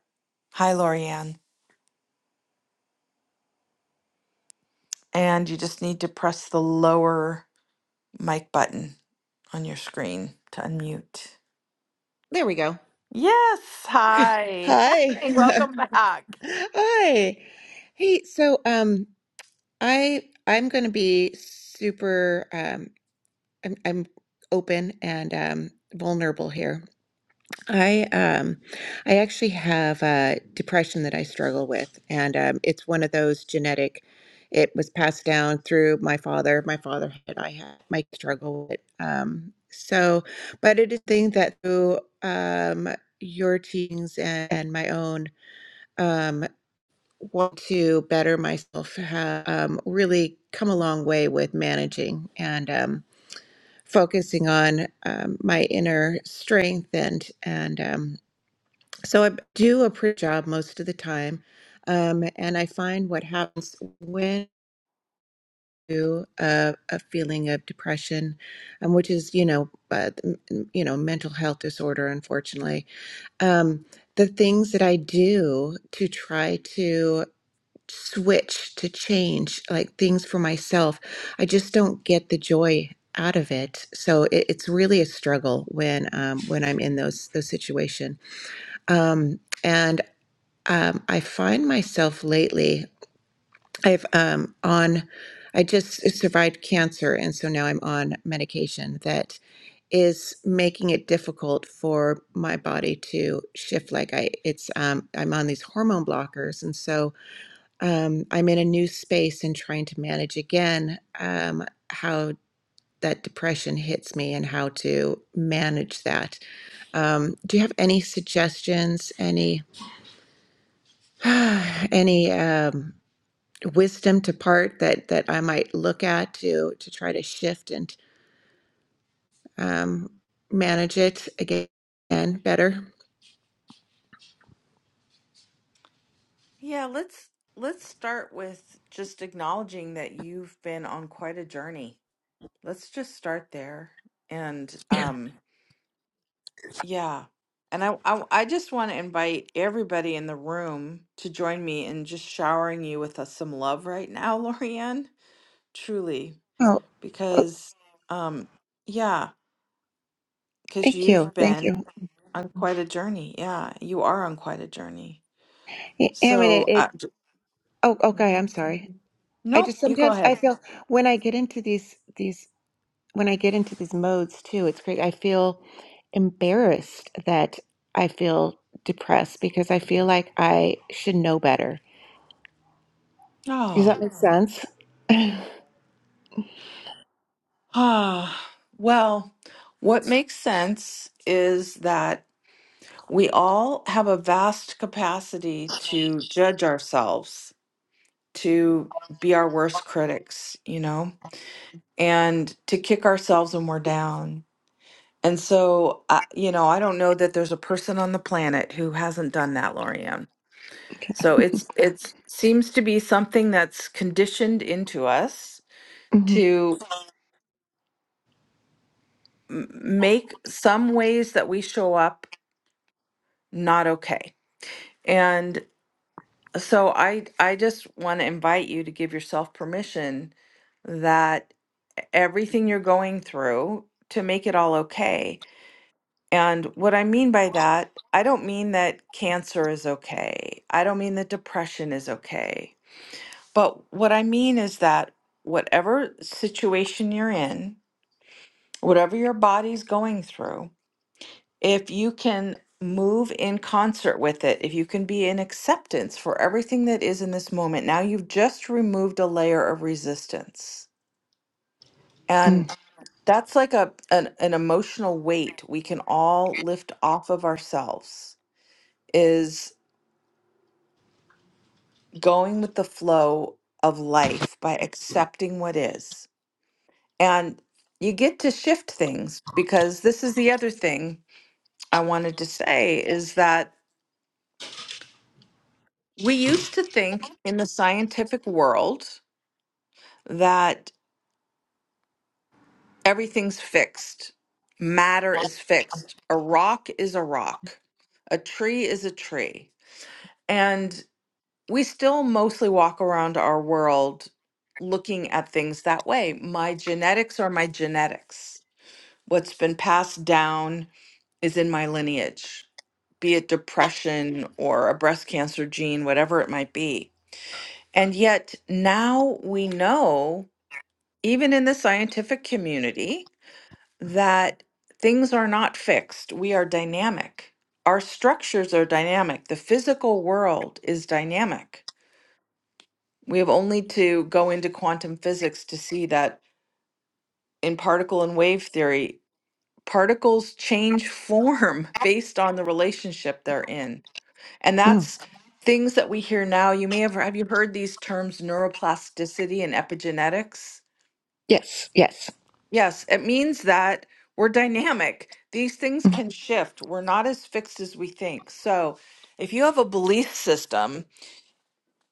S1: Hi, Lorianne. And you just need to press the lower mic button on your screen to unmute.
S5: There we go.
S1: Yes, hi.
S5: Hi.
S1: Hi, welcome back.
S5: Hi. Hey, so um I I'm going to be super um I'm I'm open and um vulnerable here. I um I actually have uh depression that I struggle with and um it's one of those genetic it was passed down through my father. My father had I had my struggle with um so but it is a thing that through um your teachings and, and my own um, want to better myself, have um, really come a long way with managing and um, focusing on um, my inner strength. And, and um, so I do a pretty job most of the time. Um, and I find what happens when you uh, a feeling of depression, um, which is, you know, uh, you know, mental health disorder, unfortunately. Um, the things that I do to try to switch to change like things for myself. I just don't get the joy out of it. So it, it's really a struggle when um, when I'm in those those situation. Um, and um, I find myself lately. I've um, on. I just survived cancer, and so now I'm on medication that is making it difficult for my body to shift. Like I, it's um, I'm on these hormone blockers, and so um, I'm in a new space and trying to manage again um, how that depression hits me and how to manage that. Um, do you have any suggestions? Any any um, wisdom to part that that I might look at to to try to shift and um, manage it again better?
S1: Yeah, let's let's start with just acknowledging that you've been on quite a journey. Let's just start there. And um Yeah. And I, I, I just want to invite everybody in the room to join me in just showering you with uh, some love right now, Lorianne. Truly,
S5: Oh, oh,
S1: because, um, yeah, because
S5: thank you,
S1: you've
S5: thank you.
S1: been on quite a journey. Yeah, you are on quite a journey.
S5: I I mean, it,
S1: So, uh,
S5: it.
S1: j-
S5: Oh, okay. I'm
S1: mhm.
S5: sorry. I just
S1: nope, you go
S5: sometimes I
S1: ahead.
S5: feel when I get into these these. when I get into these modes too, it's great. I feel embarrassed that I feel depressed because I feel like I should know better. Does
S1: Oh,
S5: that make sense?
S1: ah, well, what makes sense is that. we all have a vast capacity to judge ourselves, to be our worst critics, you know, and to kick ourselves when we're down. And so, uh, you know, I don't know that there's a person on the planet who hasn't done that, Lorianne.
S5: Okay.
S1: So it's it's seems to be something that's conditioned into us
S5: hmm
S1: to m- make some ways that we show up not okay. and. So I I just want to invite you to give yourself permission that e-, everything you're going through to make it all okay. And what I mean by that, I don't mean that cancer is okay. I don't mean that depression is okay. But what I mean is that whatever situation you're in, whatever your body's going through, if you can move in concert with it, if you can be in acceptance for everything that is in this moment, now you've just removed a layer of resistance. And that's like a an, an emotional weight we can all lift off of ourselves is going with the flow of life by accepting what is. And you get to shift things because this is the other thing I wanted to say is that We used to think in the scientific world that everything's fixed. Matter is fixed. A rock is a rock. A tree is a tree. And we still mostly walk around our world looking at things that way. My genetics are my genetics. What's been passed down is in my lineage, be it depression or a breast cancer gene, whatever it might be. And yet now we know even in the scientific community, that things are not fixed. We are dynamic. Our structures are dynamic. The physical world is dynamic. We have only to go into quantum physics to see that in particle and wave theory, particles change form based on the relationship they're in. And
S5: mm
S1: that's things that we hear now. You may have have you heard these terms neuroplasticity and epigenetics?
S5: Yes. Yes.
S1: Yes, it means that we're dynamic. These things can shift. We're not as fixed as we think. So, if you have a belief system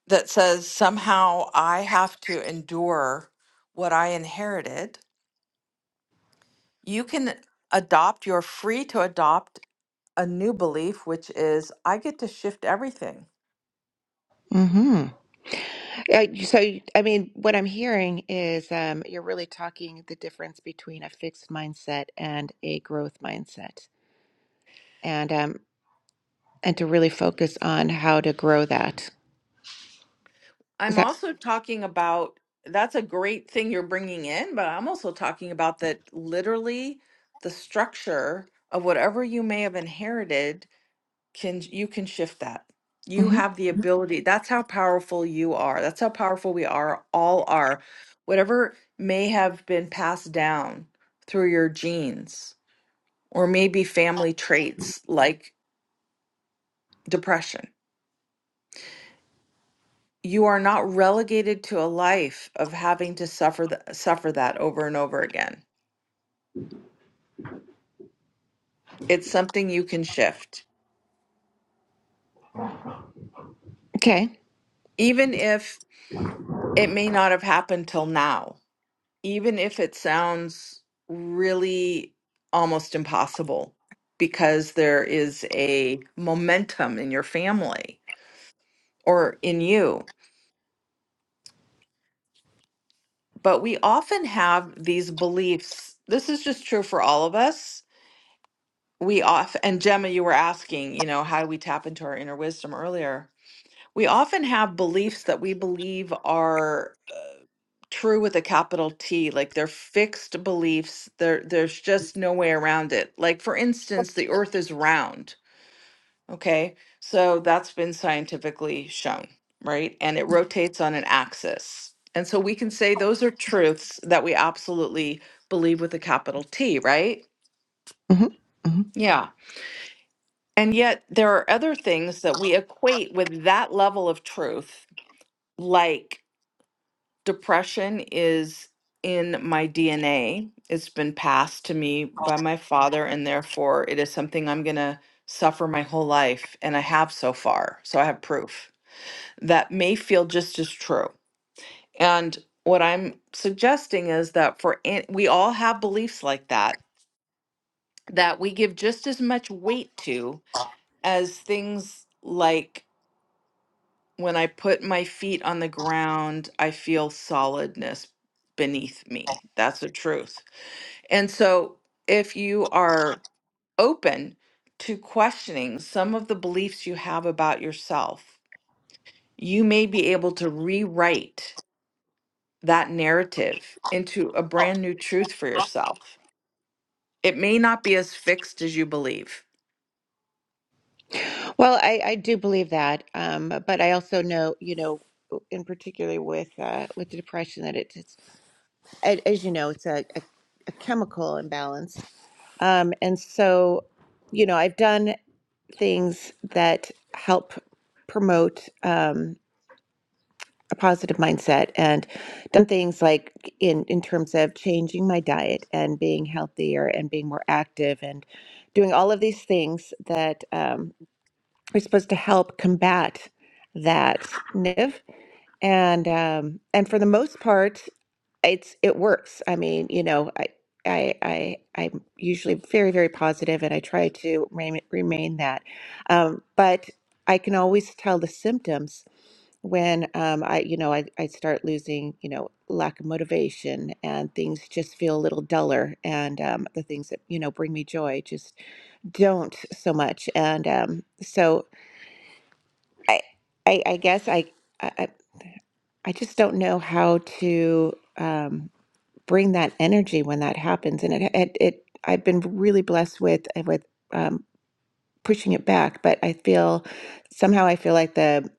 S1: that says somehow I have to endure what I inherited, you can adopt, you're free to adopt a new belief, which is I get to shift everything.
S5: Mm-hmm. so, I mean, what I'm hearing is um, you're really talking the difference between a fixed mindset and a growth mindset, and um, and to really focus on how to grow that. Is
S1: I'm
S5: that
S1: also talking about that's a great thing you're bringing in, but I'm also talking about that literally the structure of whatever you may have inherited can you can shift that. You
S5: mm-hmm.
S1: have the ability. That's how powerful you are. That's how powerful we are, all are. Whatever may have been passed down through your genes or maybe family traits like depression you are not relegated to a life of having to suffer th- suffer that over and over again. It's something you can shift,
S5: okay?
S1: even if it may not have happened till now, even if it sounds really almost impossible because there is a momentum in your family or in you. But we often have these beliefs. This is just true for all of us we off and Gemma, you were asking, you know, how do we tap into our inner wisdom earlier? We often have beliefs that we believe are uh, true with a capital T, like they're fixed beliefs. There, there's just no way around it. Like for instance, the Earth is round. Okay, so that's been scientifically shown, right? And it rotates on an axis. And so we can say those are truths that we absolutely believe with a capital T, right?
S5: Mm-hmm. Mm-hmm.
S1: Yeah. And yet, there are other things that we equate with that level of truth, like depression is in my DNA. It's been passed to me by my father, and therefore it is something I'm going to suffer my whole life. And I have so far. So I have proof that may feel just as true. And what I'm suggesting is that for an- we all have beliefs like that, that we give just as much weight to as things like When I put my feet on the ground, I feel solidness beneath me. That's the truth. And so, if you are open to questioning some of the beliefs you have about yourself, you may be able to rewrite that narrative into a brand new truth for yourself. It may not be as fixed as you believe.
S5: Well, I, I do believe that, um, but I also know, you know, in particular with uh, with the depression, that it's, it's a- as you know, it's a, a, a chemical imbalance, um, and so, you know, I've done things that help promote um, a positive mindset, and done things like in in terms of changing my diet and being healthier and being more active and doing all of these things that. um, we're supposed to help combat that negative and um and for the most part it's it works i mean you know i I, I I'm usually very very positive and I try to remain, remain that, um, but I can always tell the symptoms when um, I you know I, I start losing you know lack of motivation and things just feel a little duller and um, the things that you know bring me joy just don't so much and um, so I, I, I guess I, I, I I just don't know how to um, bring that energy when that happens. And it, it, it I've been really blessed with uh, with um, pushing it back, but I feel somehow I feel like the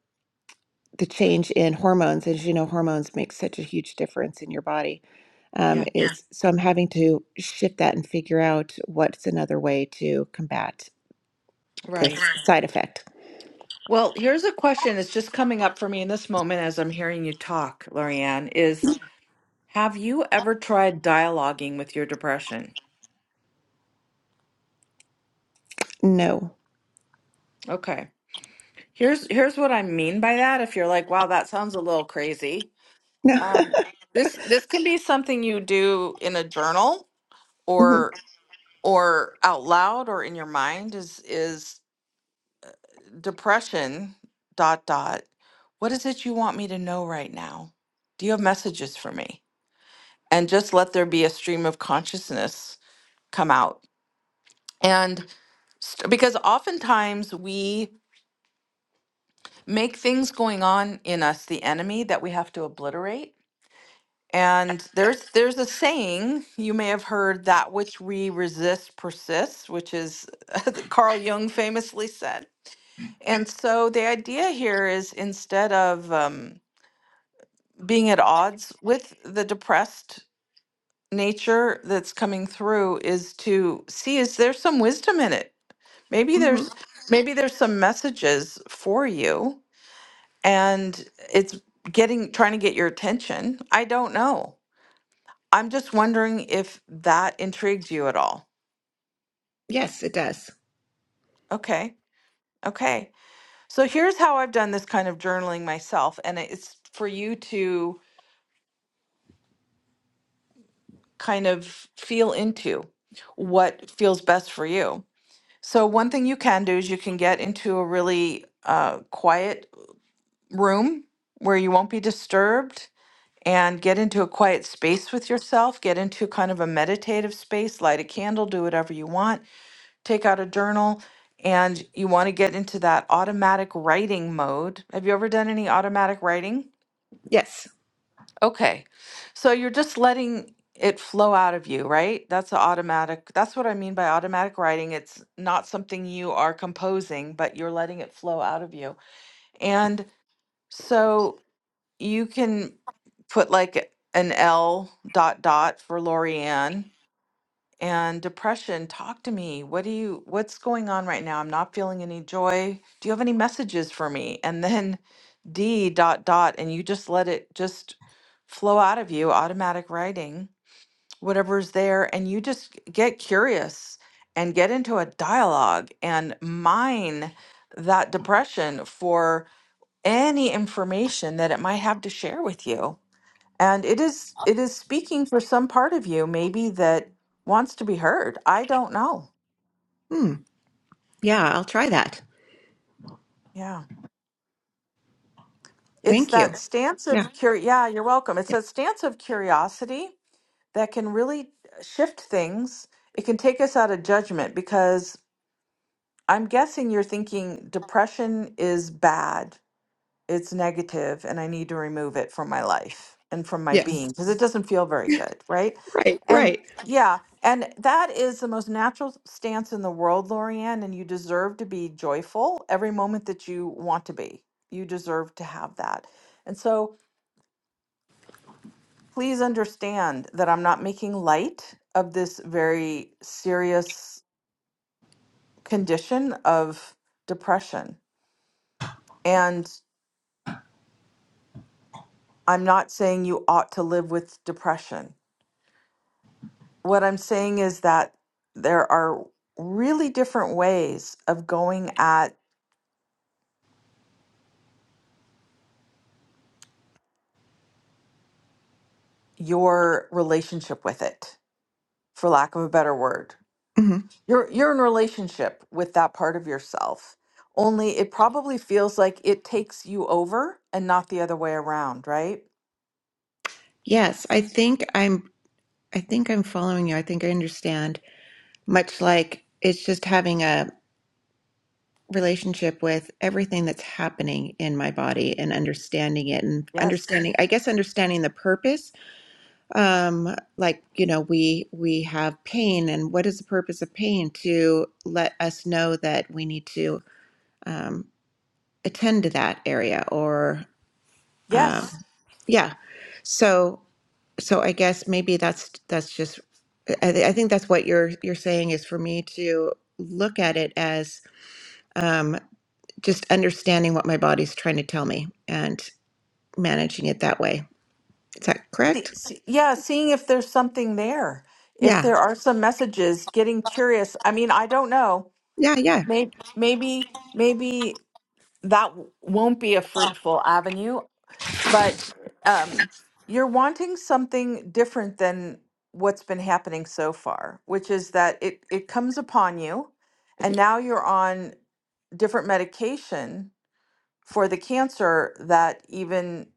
S5: the change in hormones, as you know, hormones make such a huge difference in your body. Um,
S1: Yeah,
S5: Yeah. is so I'm having to shift that and figure out what's another way to combat this
S1: right.
S5: Right. side effect.
S1: Well, here's a question that's just coming up for me in this moment as I'm hearing you talk, Lorianne, is Have you ever tried dialoguing with your depression?
S5: No,
S1: Okay. Here's here's what I mean by that. If you're like, wow, that sounds a little crazy.
S5: no.
S1: Um, this this can be something you do in a journal
S5: hmm
S1: or or out loud or in your mind is is depression dot dot. What is it you want me to know right now? Do you have messages for me? And just let there be a stream of consciousness come out. And st- because oftentimes we make things going on in us the enemy that we have to obliterate. And there's there's a saying you may have heard that which we resist persists, which is that Carl Jung famously said. And so the idea here is instead of um, being at odds with the depressed nature that's coming through, is to see is there some wisdom in it? Maybe
S5: hmm
S1: there's maybe there's some messages for you and it's getting trying to get your attention. I don't know. I'm just wondering if that intrigues you at all.
S5: Yes, it does.
S1: Okay. Okay. So here's how I've done this kind of journaling myself and it's for you to kind of feel into what feels best for you. So one thing you can do is you can get into a really uh, quiet room where you won't be disturbed and get into a quiet space with yourself, get into kind of a meditative space, light a candle, do whatever you want, take out a journal, and you want to get into that automatic writing mode. Have you ever done any automatic writing?
S5: Yes.
S1: Okay. So you're just letting it flow out of you, right? That's a automatic. That's what I mean by automatic writing. It's not something you are composing, but you're letting it flow out of you. And so you can put like an L dot dot for Lorianne and depression. Talk to me. What do you what's going on right now? I'm not feeling any joy. Do you have any messages for me? And then D dot dot and you just let it just flow out of you, automatic writing, whatever's there, and you just get curious and get into a dialogue and mine that depression for any information that it might have to share with you and it is it is speaking for some part of you maybe that wants to be heard. I don't know.
S5: Hmm. Yeah, I'll try that.
S1: Yeah. It's
S5: Thank you.
S1: that stance
S5: Yeah.
S1: of cur yeah, you're welcome. It's that stance of curiosity that can really shift things. It can take us out of judgment because I'm guessing you're thinking depression is bad it's negative and I need to remove it from my life and from my
S5: Yes.
S1: being because it doesn't feel very good, right?
S5: Right,
S1: And
S5: right.
S1: yeah, and that is the most natural stance in the world, Lorianne, and you deserve to be joyful every moment that you want to be. You deserve to have that. And so please understand that I'm not making light of this very serious condition of depression. And I'm not saying you ought to live with depression. what I'm saying is that there are really different ways of going at your relationship with it, for lack of a better word.
S5: hmm
S1: You're you're in relationship with that part of yourself. Only it probably feels like it takes you over and not the other way around, right?
S5: Yes, I think I'm I think I'm following you. I think I understand. Much like it's just having a relationship with everything that's happening in my body and understanding it and
S1: Yes.
S5: understanding I guess understanding the purpose. Um like, you know, we we have pain and what is the purpose of pain to let us know that we need to um attend to that area or um
S1: Yes.
S5: Yeah. So so I guess maybe that's that's just I, th- I think that's what you're you're saying is for me to look at it as um, just understanding what my body's trying to tell me and managing it that way. Is that
S1: See,
S5: correct?
S1: see, yeah, seeing if there's something there. If
S5: Yeah.
S1: there are some messages, getting curious. I mean, I don't know.
S5: Yeah. Yeah.
S1: Maybe maybe maybe that w- won't be a fruitful avenue but um you're wanting something different than what's been happening so far which is that it it comes upon you and now you're on different medication for the cancer that even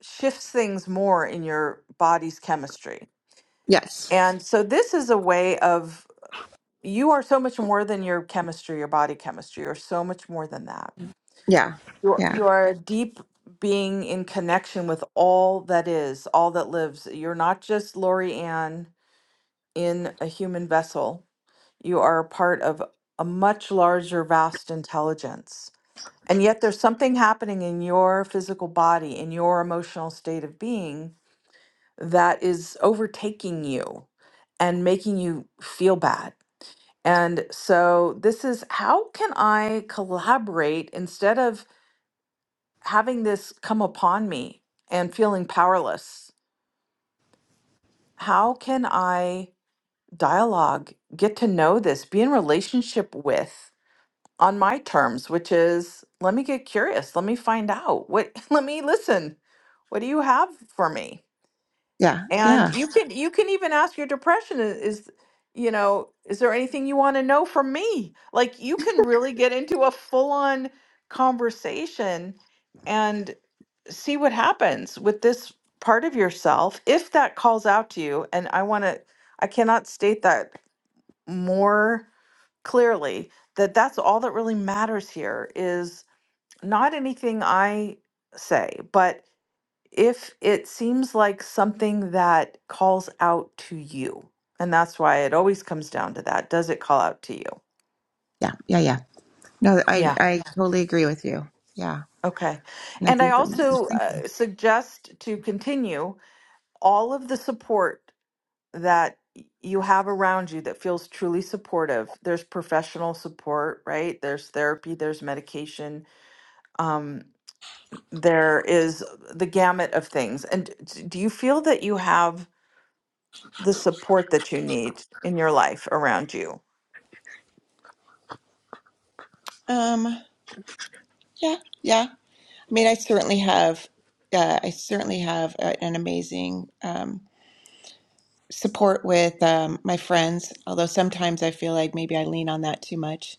S1: shifts things more in your body's chemistry
S5: Yes.
S1: and so this is a way of you are so much more than your chemistry your body chemistry or so much more than that
S5: Yeah.
S1: You're,
S5: Yeah.
S1: you are deep being in connection with all that is, all that lives. You're not just Lori Ann in a human vessel. You are a part of a much larger, vast intelligence. And yet there's something happening in your physical body, in your emotional state of being that is overtaking you and making you feel bad. And so this is how can I collaborate instead of having this come upon me and feeling powerless. How can I dialogue, get to know this, be in relationship with on my terms, which is let me get curious, let me find out. What let me listen. What do you have for me?
S5: Yeah.
S1: And
S5: Yeah.
S1: you can you can even ask your depression i- is you know, is there anything you want to know from me? Like you can really get into a full-on conversation and. see what happens with this part of yourself if that calls out to you and i want to i cannot state that more clearly that that's all that really matters here is not anything i say but if it seems like something that calls out to you and that's why it always comes down to that does it call out to you
S5: Yeah. Yeah. Yeah. No, I
S1: yeah
S5: I totally agree with you. Yeah.
S1: okay
S5: And I
S1: and i
S5: think that makes sense.
S1: also
S5: Thank you.
S1: uh, suggest to continue all of the support that you have around you that feels truly supportive. There's professional support, right? There's therapy, there's medication, um, there is the gamut of things. And d- do you feel that you have the support that you need in your life around you?
S5: Um. Yeah. Yeah. I mean, I certainly have, uh, I certainly have a, an amazing um, support with um, my friends, although sometimes I feel like maybe I lean on that too much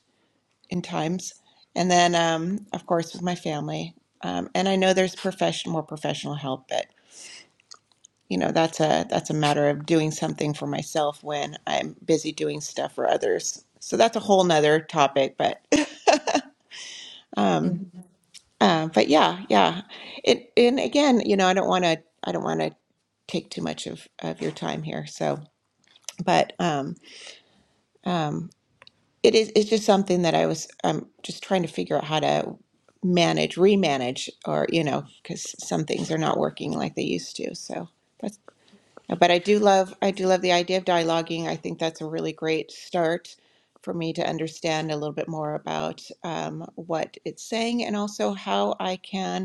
S5: in times. And then, um, of course, with my family. Um, and I know there's profession, more professional help, but you know, that's a that's a matter of doing something for myself when I'm busy doing stuff for others. So that's a whole nother topic, but um,
S1: Mhm.
S5: Uh, but yeah, yeah. It, and again, you know, I don't want to, I don't want to take too much of, of your time here. So, but um, um, it is, it's just something that I was, I'm just trying to figure out how to manage, remanage, or, you know, because some things are not working like they used to. So that's, but I do love, I do love the idea of dialoguing. I think that's a really great start for me to understand a little bit more about um, what it's saying and also how I can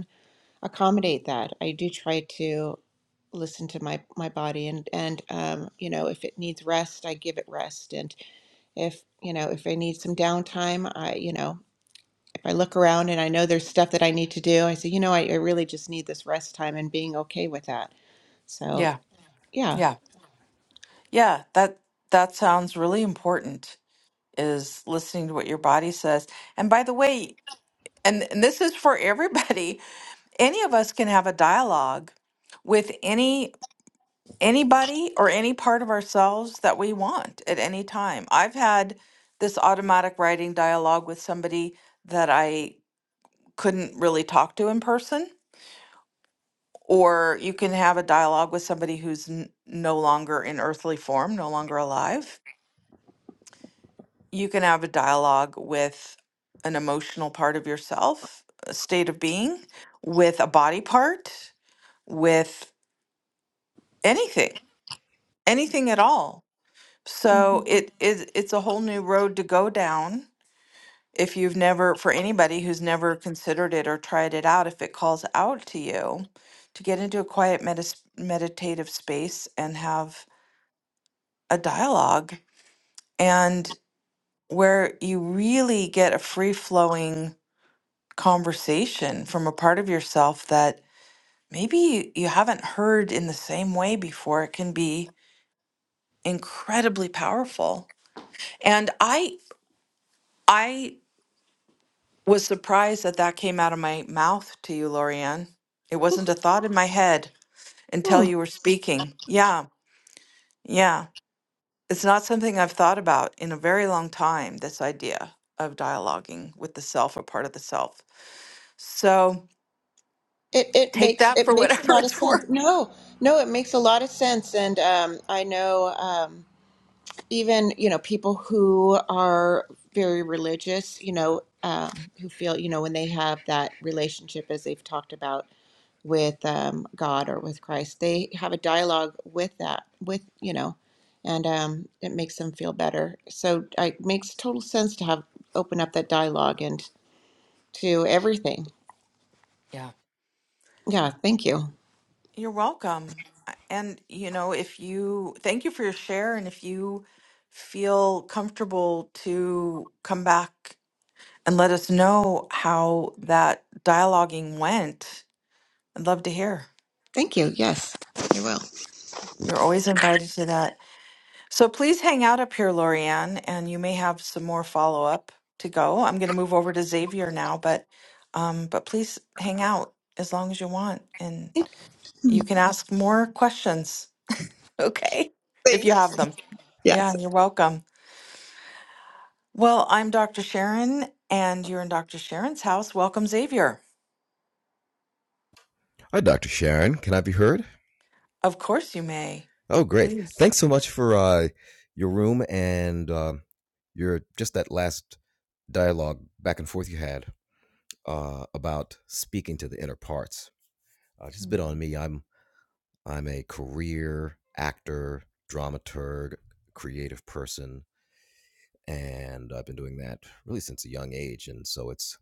S5: accommodate that. I do try to listen to my my body and and um you know if it needs rest I give it rest and if you know if I need some downtime I you know if I look around and I know there's stuff that I need to do I say you know I, I really just need this rest time and being okay with that so
S1: Yeah,
S5: yeah
S1: yeah, yeah. That that sounds really important. Is listening to what your body says. And by the way, and, and this is for everybody. Any of us can have a dialogue with any anybody or any part of ourselves that we want at any time. I've had this automatic writing dialogue with somebody that I couldn't really talk to in person, or you can have a dialogue with somebody who's n- no longer in earthly form, no longer alive. You can have a dialogue with an emotional part of yourself, a state of being, with a body part, with anything, anything at all
S5: hmm
S1: So it is it's a whole new road to go down if you've never for anybody who's never considered it or tried it out if it calls out to you to get into a quiet medis meditative space and have a dialogue and where you really get a free flowing conversation from a part of yourself that maybe you, you haven't heard in the same way before it can be incredibly powerful and i i was surprised that that came out of my mouth to you, Lorianne. It wasn't a thought in my head until
S5: hmm.
S1: you were speaking. Yeah, yeah. It's not something I've thought about in a very long time, this idea of dialoguing with the self or part of the self. So
S5: it it
S1: take
S5: makes
S1: that
S5: it
S1: for
S5: makes a
S1: whatever
S5: lot of
S1: it's
S5: sense
S1: worth.
S5: no no it makes a lot of sense and um I know um even you know people who are very religious you know um, who feel you know when they have that relationship as they've talked about with um, god or with christ they have a dialogue with that with you know and um, it makes them feel better so I- it makes total sense to have open up that dialogue and to everything
S1: Yeah.
S5: yeah thank you
S1: You're welcome. I- And, you know, if you thank you for your share, and if you feel comfortable to come back and let us know how that dialoguing went. I'd love to hear.
S5: thank you yes you will
S1: You're always invited to that. So please hang out up here, Lorianne, and you may have some more follow up to go. I'm going to move over to Xavier now, but um, but please hang out as long as you want, and you can ask more questions. Okay, if you have
S5: thanks
S1: them.
S5: yes
S1: Yeah, you're welcome. Well, I'm Dr. Sharon, and you're in Dr. Sharon's house. Welcome, Xavier.
S6: Hi, Dr. Sharon. Can I be heard?
S1: Of course, you may.
S6: Oh, great. Thanks so much for uh, your room and uh, your just that last dialogue back and forth you had uh, about speaking to the inner parts. Uh, just a bit on me. I'm I'm a career actor, dramaturg, creative person, and I've been doing that really since a young age. And so it's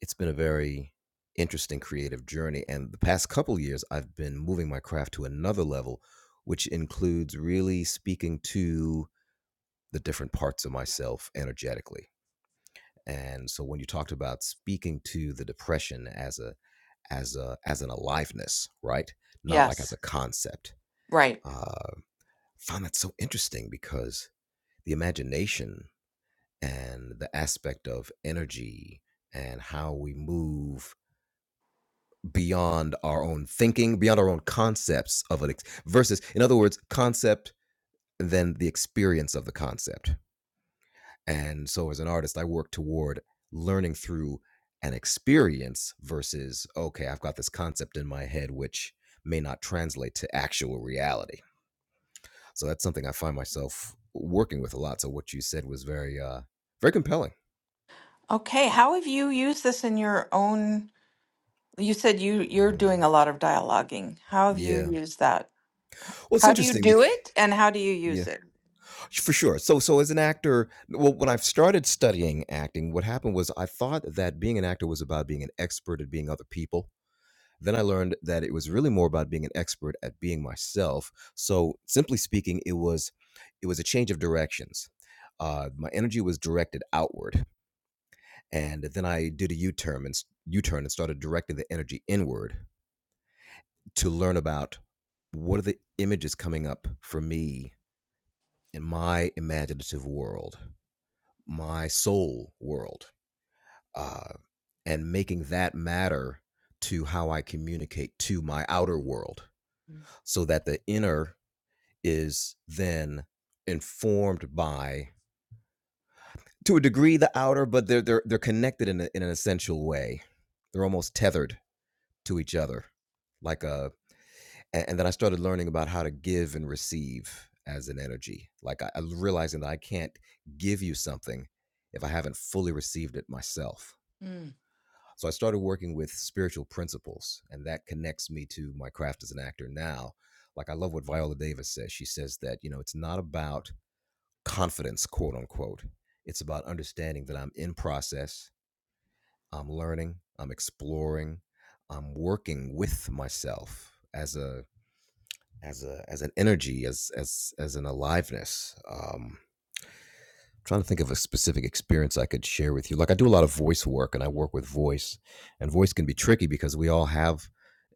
S6: it's been a very interesting creative journey. And the past couple years, I've been moving my craft to another level, which includes really speaking to the different parts of myself energetically. And so when you talked about speaking to the depression as a as a as an aliveness, right? Not like as a
S1: Yes,
S6: concept.
S1: right.
S6: Uh, found that so interesting because the imagination and the aspect of energy and how we move beyond our own thinking, beyond our own concepts of it, versus, in other words, concept and then the experience of the concept. And so, as an artist, I work toward learning through an experience versus, okay, I've got this concept in my head which may not translate to actual reality. So that's something I find myself working with a lot. So what you said was very, uh, very compelling.
S1: Okay, how have you used this in your own? You said you you're
S6: hmm
S1: doing a lot of dialoguing. How have you
S6: Yeah.
S1: used that?
S6: Well, it's
S1: How do you
S6: interesting.
S1: do
S6: bec-
S1: it and how do you
S6: Yeah.
S1: use it?
S6: For sure. So, so as an actor, well, when I started studying acting, what happened was I thought that being an actor was about being an expert at being other people. Then I learned that it was really more about being an expert at being myself. So, simply speaking, it was it was a change of directions. Uh, my energy was directed outward, and then I did a U turn and s- U turn and started directing the energy inward to learn about what are the images coming up for me in my imaginative world my soul world uh, and making that matter to how I communicate to my outer world so that the inner is then informed by to a degree the outer but they're they're, they're connected in, a, in an essential way they're almost tethered to each other like a and, and then I started learning about how to give and receive as an energy like I, I realizing that I can't give you something if I haven't fully received it myself
S1: Mm-hmm.
S6: So I started working with spiritual principles, and that connects me to my craft as an actor now. Like I love what Viola Davis says. She says that, you know, it's not about confidence, quote unquote. It's about understanding that I'm in process, I'm learning, I'm exploring, I'm working with myself as a as a as an energy, as as as an aliveness. Um, trying to think of a specific experience I could share with you. Like I do a lot of voice work and I work with voice, and voice can be tricky because we all have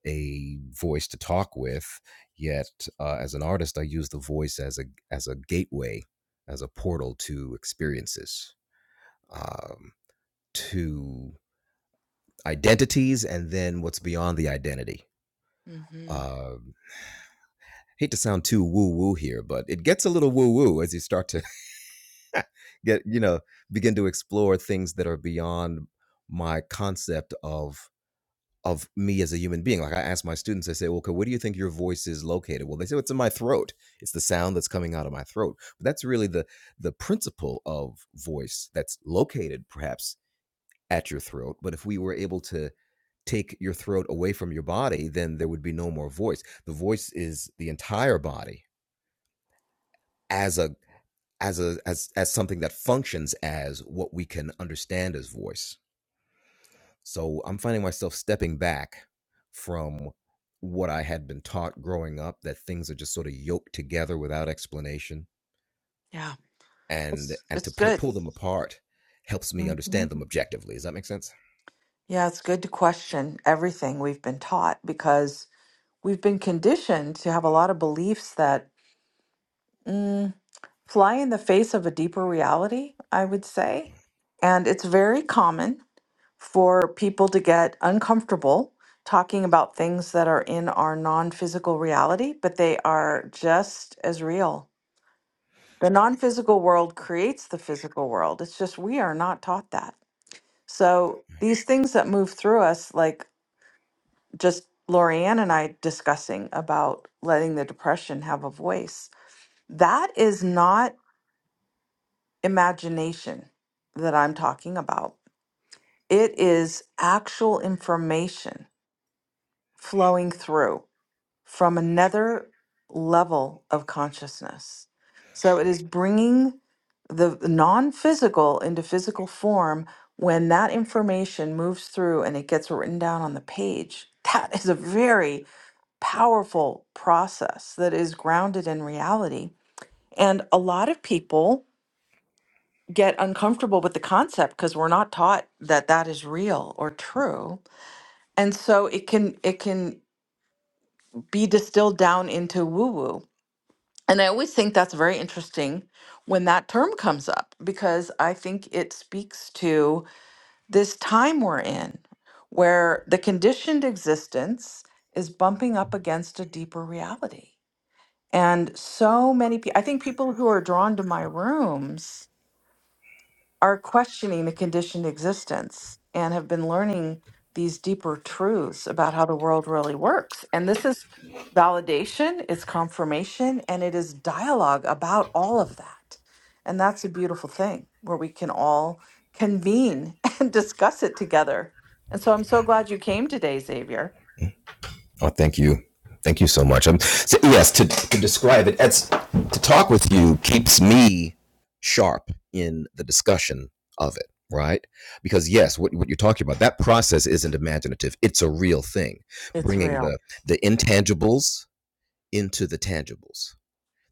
S6: a voice to talk with. Yet, uh, as an artist, I use the voice as a as a gateway, as a portal to experiences, um, to identities, and then what's beyond the identity.
S1: mm-hmm.
S6: Um hate to sound too woo woo here, but it gets a little woo woo as you start to get you know begin to explore things that are beyond my concept of of me as a human being like i ask my students i say well, okay where do you think your voice is located well they say well, it's in my throat it's the sound that's coming out of my throat but that's really the the principle of voice that's located perhaps at your throat but if we were able to take your throat away from your body then there would be no more voice the voice is the entire body as a as a as as something that functions as what we can understand as voice. So I'm finding myself stepping back from what I had been taught growing up that things are just sort of yoked together without explanation
S1: Yeah.
S6: and
S1: It's
S6: and to
S1: it's
S6: p-
S1: good.
S6: pull them apart helps me understand them objectively. Does that make sense?
S1: Yeah, it's good to question everything we've been taught because we've been conditioned to have a lot of beliefs that mm, fly in the face of a deeper reality, I would say. And it's very common for people to get uncomfortable talking about things that are in our non physical reality, but they are just as real. The non physical world creates the physical world. It's just we are not taught that. So these things that move through us, like just Lorianne and I discussing about letting the depression have a voice, That is not imagination that I'm talking about. It is actual information flowing through from another level of consciousness. So it is bringing the non physical into physical form when that information moves through and it gets written down on the page. That is a very powerful process that is grounded in reality. And a lot of people get uncomfortable with the concept because we're not taught that that is real or true and so it can it can be distilled down into woo woo and i always think that's very interesting when that term comes up because i think it speaks to this time we're in where the conditioned existence is bumping up against a deeper reality and so many people i think people who are drawn to my rooms are questioning the conditioned existence and have been learning these deeper truths about how the world really works. And this is validation, it's confirmation, and it is dialogue about all of that. And that's a beautiful thing where we can all convene and discuss it together. And so I'm so glad you came today, Xavier.
S6: Oh, thank you. Thank you so much. Um, so yes, to, to describe it, it's, to talk with you keeps me sharp in the discussion of it, right? Because yes, what, what you're talking about, that process isn't imaginative. It's a real thing,
S1: It's
S6: bringing
S1: real.
S6: the the intangibles into the tangibles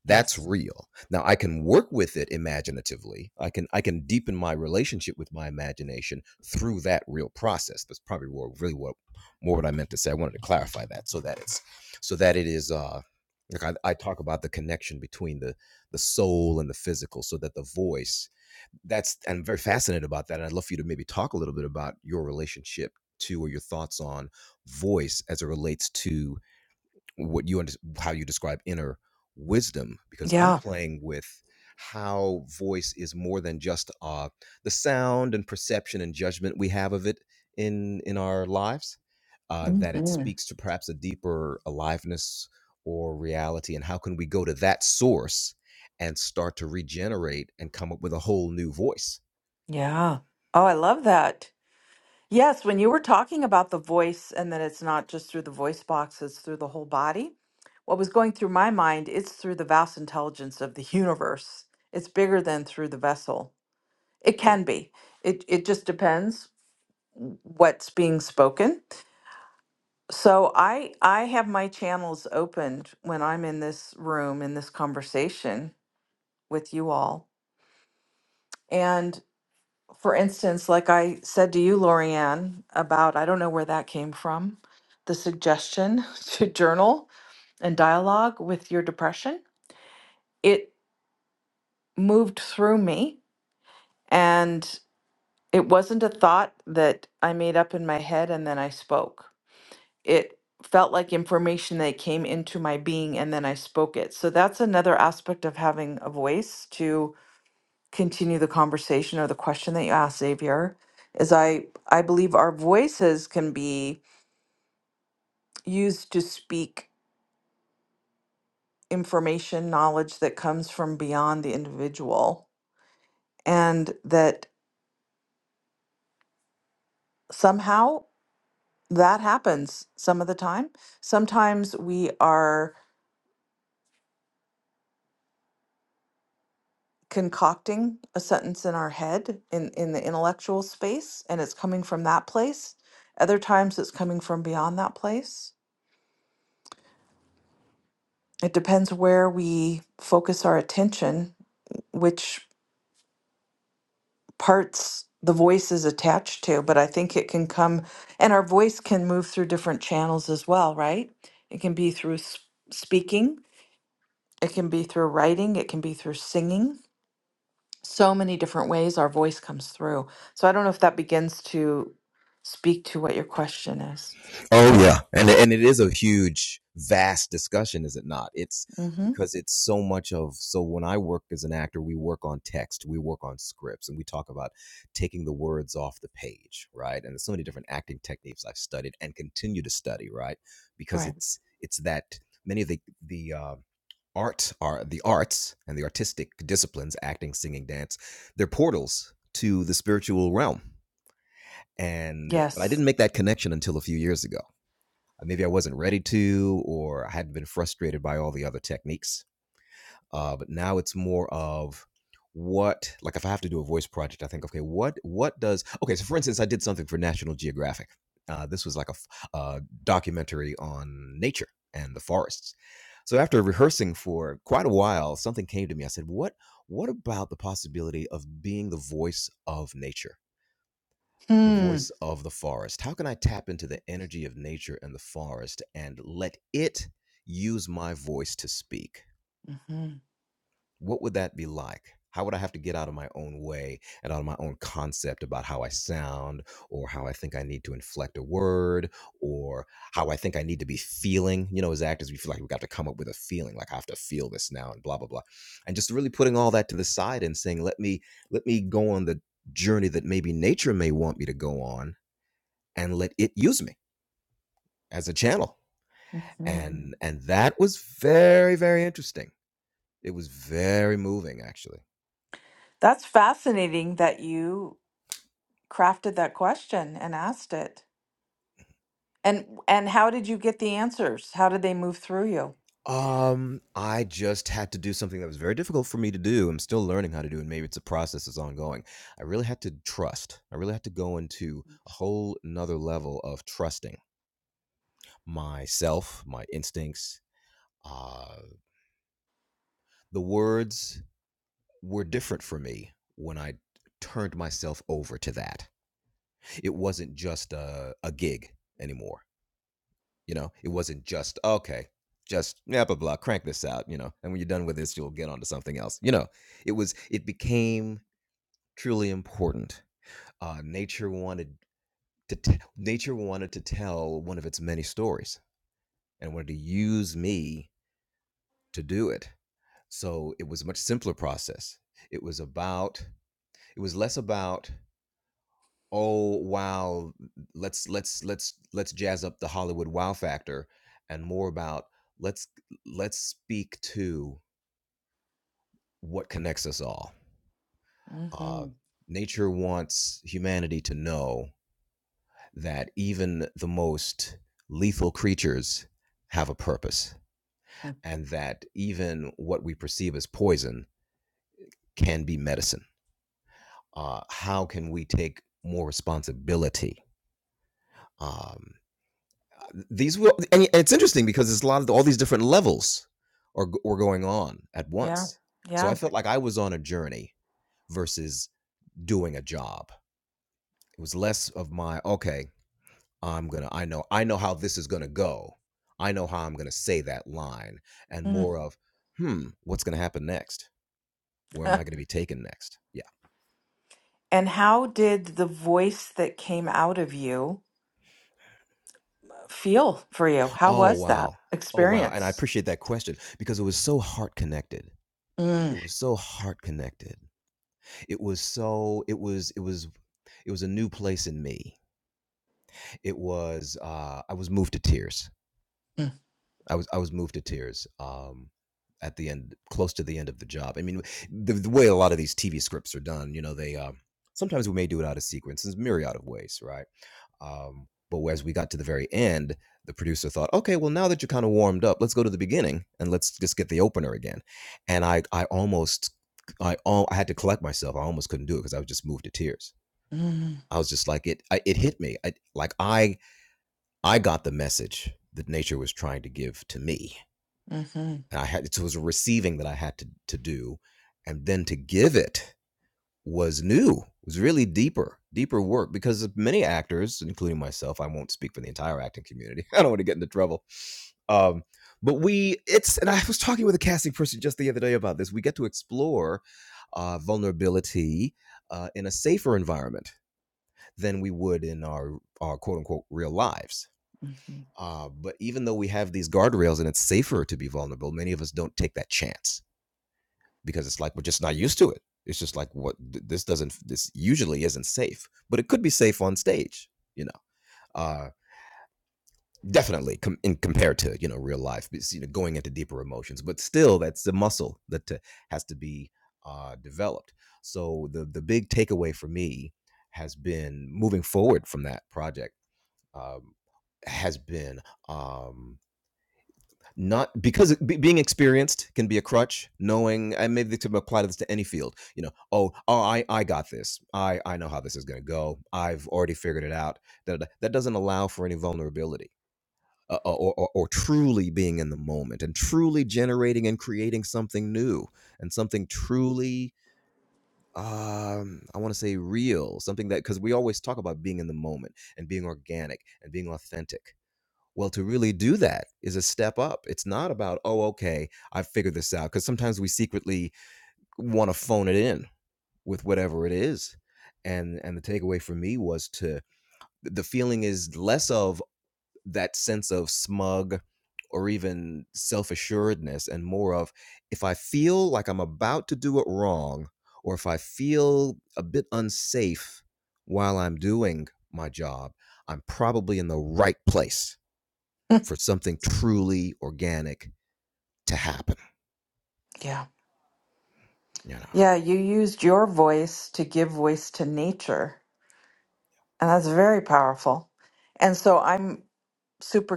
S6: that's real now i can work with it imaginatively i can i can deepen my relationship with my imagination through that real process that's probably more, really what more what i meant to say i wanted to clarify that so that it's so that it is uh like I, I talk about the connection between the the soul and the physical so that the voice that's i'm very fascinated about that and i'd love for you to maybe talk a little bit about your relationship to or your thoughts on voice as it relates to what you under, how you describe inner wisdom because i'm
S1: Yeah.
S6: playing with how voice is more than just uh, the sound and perception and judgment we have of it in in our lives uh, that it
S1: hmm
S6: speaks to perhaps a deeper aliveness or reality and how can we go to that source and start to regenerate and come up with a whole new voice
S1: Yeah. Oh, I love that. Yes, when you were talking about the voice and that it's not just through the voice box, it's through the whole body. What was going through my mind, it's through the vast intelligence of the universe. It's bigger than through the vessel. It can be. It it just depends what's being spoken. So I I have my channels opened when I'm in this room in this conversation with you all. And for instance, like I said to you, Lorianne, about I don't know where that came from, the suggestion to journal and dialogue with your depression. It moved through me and it wasn't a thought that I made up in my head and then I spoke it felt like information that came into my being and then I spoke it. So that's another aspect of having a voice to continue the conversation or the question that you asked Xavier is I I believe our voices can be used to speak information knowledge that comes from beyond the individual and that somehow that happens some of the time. Sometimes we are concocting a sentence in our head in in the intellectual space and it's coming from that place other times it's coming from beyond that place it depends where we focus our attention which parts the voice is attached to but i think it can come and our voice can move through different channels as well right it can be through s- speaking it can be through writing it can be through singing so many different ways our voice comes through. So I don't know if that begins to speak to what your question is.
S6: Oh yeah, and and it is a huge, vast discussion, is it not? It's
S1: Mm-hmm.
S6: because it's so much of so when I work as an actor, we work on text, we work on scripts, and we talk about taking the words off the page, right? And there's so many different acting techniques I've studied and continue to study, right? Because
S1: Right.
S6: it's it's that many of the the uh, art are the arts and the artistic disciplines, acting, singing, dance, they're portals to the spiritual realm. And but I
S1: Yes.
S6: didn't make that connection until a few years ago uh, Maybe I wasn't ready to, or I hadn't been frustrated by all the other techniques. Uh, but now it's more of what, like if I have to do a voice project, I think, okay, what what does okay? So for instance, I did something for National Geographic. Uh, this was like a uh, documentary on nature and the forests. So after rehearsing for quite a while, something came to me. I said, "What? What about the possibility of being the voice of nature?" the
S1: Hmm.
S6: voice of the forest. How can I tap into the energy of nature and the forest and let it use my voice to speak?
S1: hmm
S6: What would that be like? How would I have to get out of my own way and out of my own concept about how I sound or how I think I need to inflect a word or how I think I need to be feeling? You know, as actors, we feel like we have got to come up with a feeling, like I have to feel this now and blah, blah, blah. And just really putting all that to the side and saying, let me, let me go on the journey that maybe nature may want me to go on and let it use me as a channel.
S1: hmm
S6: And and that was very very interesting. It was very moving actually.
S1: That's fascinating that you crafted that question and asked it. And and how did you get the answers? How did they move through you?
S6: Um I just had to do something that was very difficult for me to do. I'm still learning how to do and maybe it's a process that's ongoing. I really had to trust. I really had to go into a whole another level of trusting myself, my instincts. Uh the words were different for me when I turned myself over to that it wasn't just a, a gig anymore. You know, it wasn't just okay, just blah blah blah, crank this out. You know, and when you're done with this, you'll get onto something else. You know, it was it became truly important. Uh, nature wanted to t- nature wanted to tell one of its many stories and wanted to use me to do it. So it was a much simpler process. It was about it was less about "Oh, wow, let's let's let's let's jazz up the Hollywood wow factor," and more about let's let's speak to what connects us all. Uh,
S1: Mm-hmm.
S6: nature wants humanity to know that even the most lethal creatures have a purpose, and that even what we perceive as poison can be medicine. Uh, how can we take more responsibility? Um, these will and it's interesting because there's a lot of all these different levels are g- were going on at
S1: Yeah.
S6: once so i
S1: Yeah.
S6: felt like i was on a journey versus doing a job it was less of my okay i'm gonna i know i know how this is gonna go i know how i'm gonna say that line and
S1: Mm.
S6: more of hmm what's gonna happen next where am i gonna be taken next yeah
S1: and how did the voice that came out of you feel for you? How
S6: oh
S1: was that
S6: wow oh wow and i
S1: experience?
S6: appreciate that question because it was so heart connected it was so heart connected it was so it was it was it was a new place in me it was uh i was moved to tears i was i was moved to tears um at the end close to the end of the job i mean the, the way a lot of these tv scripts are done you know they um sometimes we may do it out of sequence in myriad of ways right um but as we got to the very end the producer thought okay well now that you're kind of warmed up let's go to the beginning and let's just get the opener again and i i almost i al- i had to collect myself i almost couldn't do it because i was just moved to tears
S1: Mm-hmm.
S6: I was just like it. I, it hit me. I, like I, I got the message that nature was trying to give to me,
S1: Mm-hmm.
S6: and I had it was a receiving that I had to to do, and then to give it was new. Was really deeper, deeper work because many actors, including myself, I won't speak for the entire acting community. I don't want to get into trouble. Um, but we, it's, and I was talking with a casting person just the other day about this. We get to explore uh, vulnerability uh, in a safer environment than we would in our our quote unquote real lives.
S1: hmm
S6: Uh, but even though we have these guardrails and it's safer to be vulnerable, many of us don't take that chance because it's like we're just not used to it. It's just like what this doesn't this usually isn't safe, but it could be safe on stage, you know. Uh, definitely com- in compared to you know real life, you know, going into deeper emotions, but still that's the muscle that uh, has to be uh, developed. So the the big takeaway for me has been moving forward from that project um, has been um, not because it- being experienced can be a crutch. Knowing, I maybe to apply this to any field. You know, oh, oh, I, I got this. I, I know how this is going to go. I've already figured it out. That that doesn't allow for any vulnerability. Uh, uh, or, or, or truly being in the moment and truly generating and creating something new and something truly um i want to say real something that because we always talk about being in the moment and being organic and being authentic well, to really do that is a step up. It's not about, oh, okay, I figured this out. Because sometimes we secretly want to phone it in with whatever it is. And and the takeaway for me was to the feeling is less of that sense of smug or even self-assuredness and more of if I feel like I'm about to do it wrong, or if I feel a bit unsafe while I'm doing my job, I'm probably in the right place for something truly organic to happen,
S1: Yeah.
S6: you know.
S1: Yeah. You used your voice to give voice to nature, and that's very powerful. And so I'm super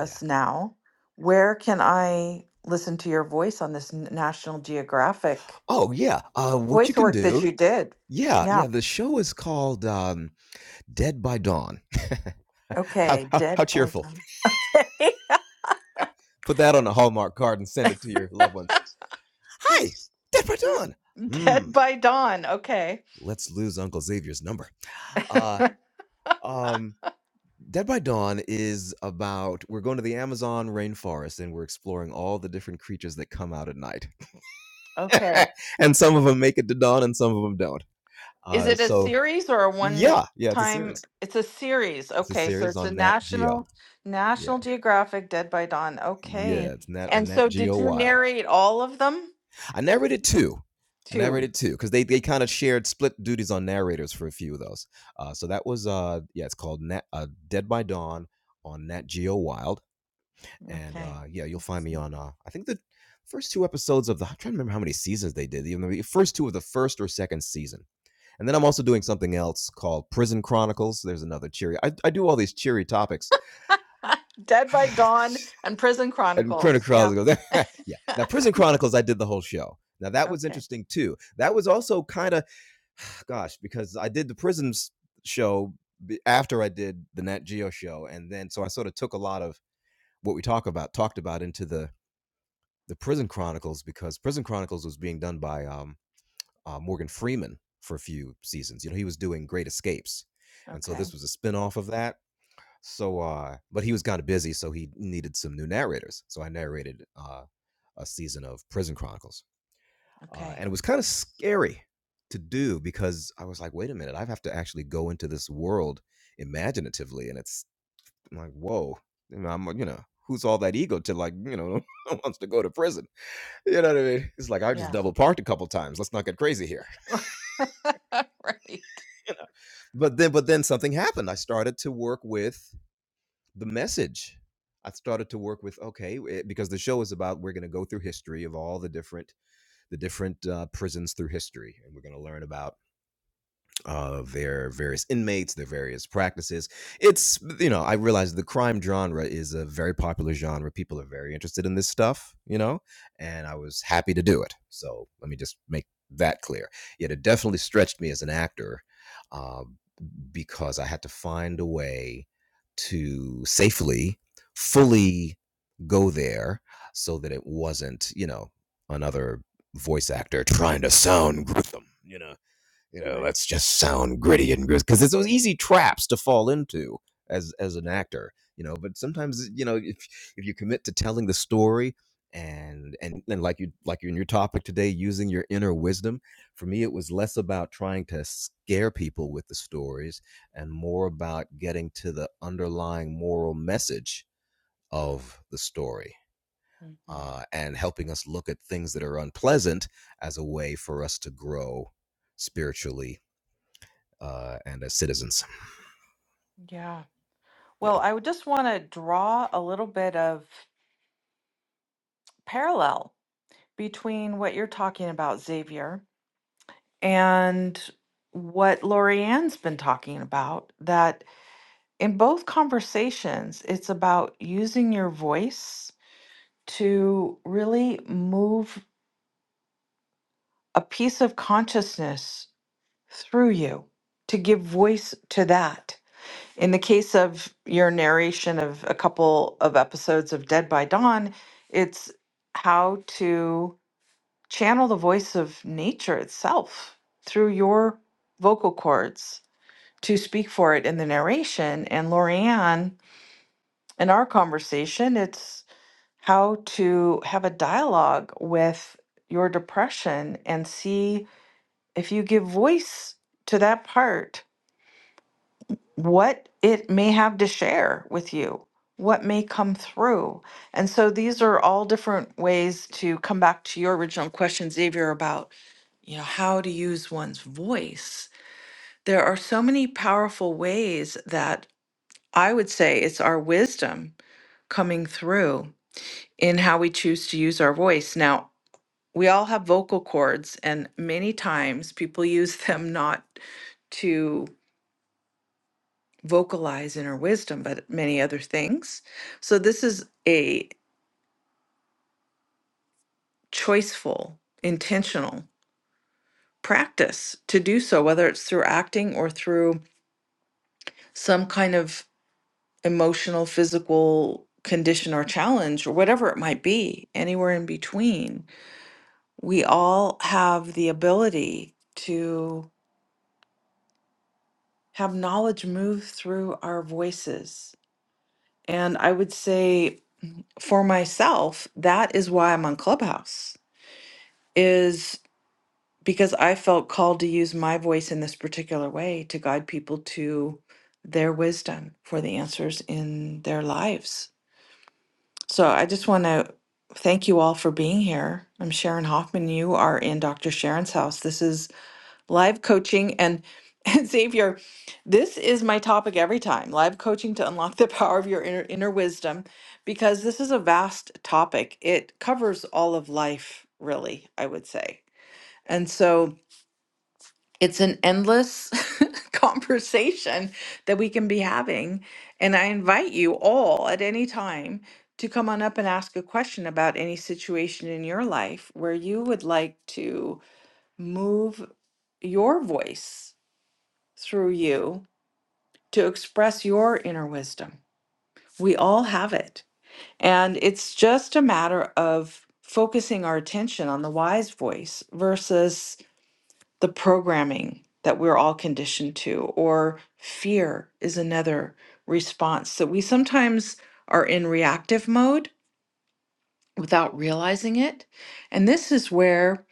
S6: Yeah.
S1: now. Where can I listen to your voice on this N- National Geographic
S6: Oh yeah. Uh what you
S1: voice
S6: can
S1: work that
S6: do.
S1: you did?
S6: Yeah,
S1: Yeah.
S6: yeah. The show is called um Dead by Dawn. how,
S1: Okay.
S6: how how
S1: Dead.
S6: cheerful.
S1: By-
S6: Put that on a Hallmark card and send it to your loved ones. Hi, Dead by Dawn. Hmm.
S1: Dead by Dawn. Okay.
S6: Let's lose Uncle Xavier's number. Uh um Dead by Dawn is about we're going to the Amazon rainforest and we're exploring all the different creatures that come out at night.
S1: Okay.
S6: and some of them make it to dawn and some of them don't.
S1: Is
S6: Uh,
S1: it a
S6: so
S1: series or a one
S6: yeah, yeah, it's a
S1: time?
S6: series.
S1: It's a series.
S6: It's a
S1: Okay, so
S6: series
S1: it's a
S6: on Nat Geo.
S1: national
S6: Yeah,
S1: National Geographic Dead by Dawn.
S6: yeah,
S1: Okay.
S6: it's Nat on
S1: And
S6: Nat
S1: so
S6: Geo
S1: did you
S6: Wild.
S1: narrate all of them?
S6: I narrated two. I
S1: Two.
S6: narrated two because they, they kind of shared split duties on narrators for a few of those. Uh, so that was uh yeah, it's called Nat, uh, Dead by Dawn on Nat Geo Wild, and
S1: Okay.
S6: uh, yeah, you'll find me on uh, I think the first two episodes of the I'm trying to remember how many seasons they did. The the first two of the first or second season And then I'm also doing something else called Prison Chronicles. There's another cheery. I, I do all these cheery topics.
S1: Dead by Dawn and Prison
S6: and
S1: Chronicles. Yeah.
S6: Chronicles goes, yeah. Now, Prison Chronicles, I did the whole show. Now, that was
S1: Okay.
S6: interesting too. That was also kind of, gosh, because I did the prisons show after I did the Nat Geo show. And then, so I sort of took a lot of what we talk about, talked about into the, the Prison Chronicles because Prison Chronicles was being done by um, uh, Morgan Freeman for a few seasons. You know, he was doing Great Escapes, and so
S1: Okay.
S6: this was a spinoff of that. So, uh, but he was kind of busy, so he needed some new narrators. So I narrated uh, a season of Prison Chronicles, uh,
S1: Okay.
S6: and it was kind of scary to do because I was like, wait a minute, I have to actually go into this world imaginatively, and it's I'm like, whoa, you know, I'm you know. Who's all that ego to like, you know, wants to go to prison? You know what I mean? It's like I just
S1: Yeah.
S6: double parked a couple times. Let's not get crazy here.
S1: Right.
S6: you know. But then, but then something happened. I started to work with the message. I started to work with okay, it- because the show is about we're going to go through history of all the different the different uh, prisons through history, and we're going to learn about uh, their various inmates, their various practices. It's you know, I realized the crime genre is a very popular genre. People are very interested in this stuff, you know, and I was happy to do it. So let me just make that clear. Yet it definitely stretched me as an actor Uh, because I had to find a way to safely, fully go there so that it wasn't, you know, another voice actor trying to sound gruesome, you know you know, let's just sound gritty and grizz because it's those easy traps to fall into as as an actor, you know. But sometimes, you know, if if you commit to telling the story and and and like you like you in your topic today, using your inner wisdom, for me, it was less about trying to scare people with the stories and more about getting to the underlying moral message of the story.
S1: hmm
S6: Uh, and helping us look at things that are unpleasant as a way for us to grow spiritually uh, and as citizens.
S1: Yeah.
S6: Yeah.
S1: Well, I would just want to draw a little bit of parallel between what you're talking about, Xavier and what Lorianne's been talking about that in both conversations, it's about using your voice to really move a piece of consciousness through you, to give voice to that. In the case of your narration of a couple of episodes of Dead by Dawn, it's how to channel the voice of nature itself through your vocal cords to speak for it in the narration. And Lorianne, in our conversation, it's how to have a dialogue with your depression and see if you give voice to that part, what it may have to share with you, what may come through. And so these are all different ways to come back to your original question, Xavier, about you know how to use one's voice there are so many powerful ways that I would say it's our wisdom coming through in how we choose to use our voice. Now, we all have vocal cords, and many times people use them not to vocalize inner wisdom, but many other things. So, this is a choiceful, intentional practice to do so, whether it's through acting or through some kind of emotional, physical condition or challenge or whatever it might be, anywhere in between we all have the ability to have knowledge move through our voices. And I would say for myself, that is why I'm on Clubhouse, is because I felt called to use my voice in this particular way to guide people to their wisdom for the answers in their lives. So I just want to thank you all for being here. I'm Sharon Hoffman. You are in Dr. Sharon's house. This is live coaching and and Xavier, this is my topic every time live coaching to unlock the power of your inner, inner wisdom, because this is a vast topic. It covers all of life, really, I would say. And so it's an endless conversation that we can be having. And I invite you all at any time to come on up and ask a question about any situation in your life where you would like to move your voice through you to express your inner wisdom. We all have it. And it's just a matter of focusing our attention on the wise voice versus the programming that we're all conditioned to, or fear is another response that we sometimes are in reactive mode without realizing it. And this is where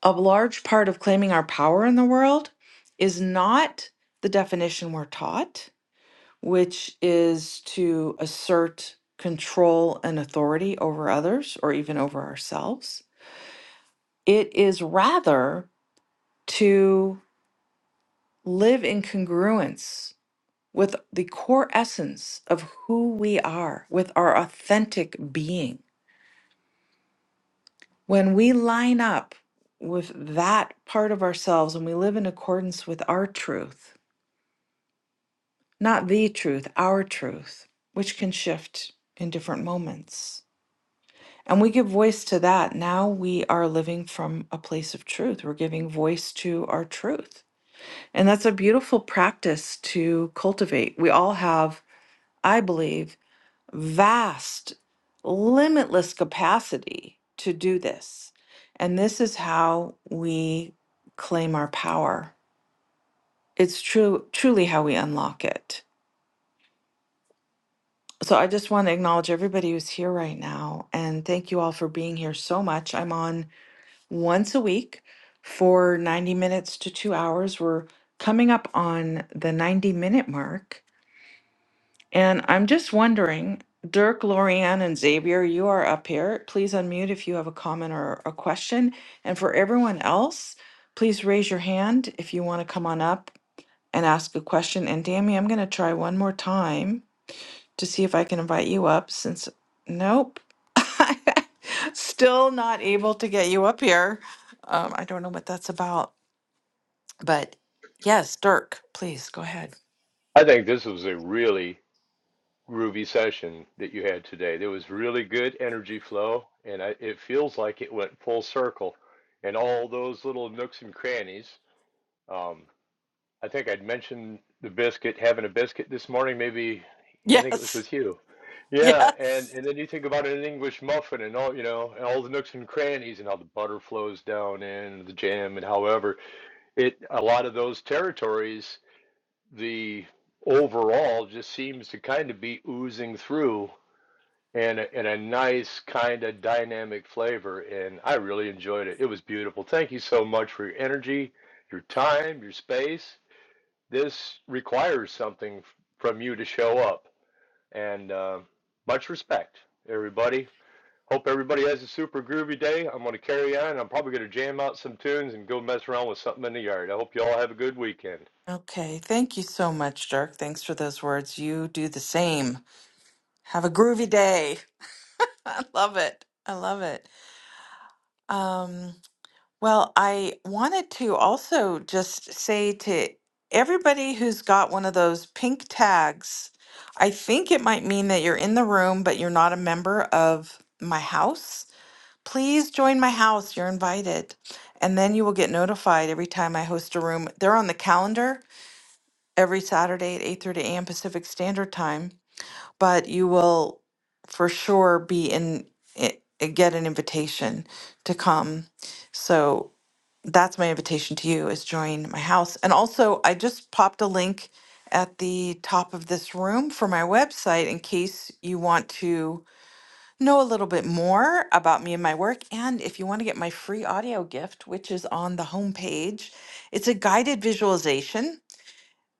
S1: a large part of claiming our power in the world is not the definition we're taught which is to assert control and authority over others or even over ourselves. It is rather to live in congruence with the core essence of who we are, with our authentic being. When we line up with that part of ourselves and we live in accordance with our truth, not the truth, our truth, which can shift in different moments And we give voice to that. Now we are living from a place of truth. We're giving voice to our truth. And that's a beautiful practice to cultivate. We all have, I believe, vast, limitless capacity to do this. And this is how we claim our power. It's true, truly how we unlock it. So I just want to acknowledge everybody who's here right now and thank you all for being here so much. I'm on once a week for 90 minutes to two hours. We're coming up on the 90 minute mark. And I'm just wondering, Dirk, Lorianne, and Xavier, you are up here. Please unmute if you have a comment or a question. And for everyone else, please raise your hand if you want to come on up and ask a question. And Dammy, I'm going to try one more time to see if I can invite you up since nope. Still not able to get you up here. Um, I don't know what that's about. But yes, Dirk, please go ahead.
S2: I think this was a really groovy session that you had today. There was really good energy flow, and I, it feels like it went full circle. And all those little nooks and crannies. Um, I think I'd mentioned the biscuit, having a biscuit this morning. Maybe I think it was
S1: Yes.
S2: with you. Yeah, and
S1: Yes.
S2: and then you think about an English muffin and all you know, and all the nooks and crannies and how the butter flows down in the jam and however it a lot of those territories, the overall just seems to kind of be oozing through and a, and a nice kind of dynamic flavor. And I really enjoyed it. It was beautiful. Thank you so much for your energy, your time, your space this requires something from you to show up. And uh, much respect, everybody. Hope everybody has a super groovy day. I'm going to carry on. I'm probably going to jam out some tunes and go mess around with something in the yard. I hope you all have a good weekend.
S1: Okay. Thank you so much, Dirk. Thanks for those words. You do the same. Have a groovy day. I love it. I love it. Um Well, I wanted to also just say to everybody who's got one of those pink tags, I think it might mean that you're in the room, but you're not a member of my house. Please join my house. You're invited. And then you will get notified every time I host a room. They're on the calendar every Saturday at 8:30 a.m. Pacific Standard Time, but you will for sure be in, i- get an invitation to come. So that's my invitation to you is join my house. And also, I just popped a link at the top of this room for my website in case you want to know a little bit more about me and my work. And if you want to get my free audio gift, which is on the homepage, it's a guided visualization,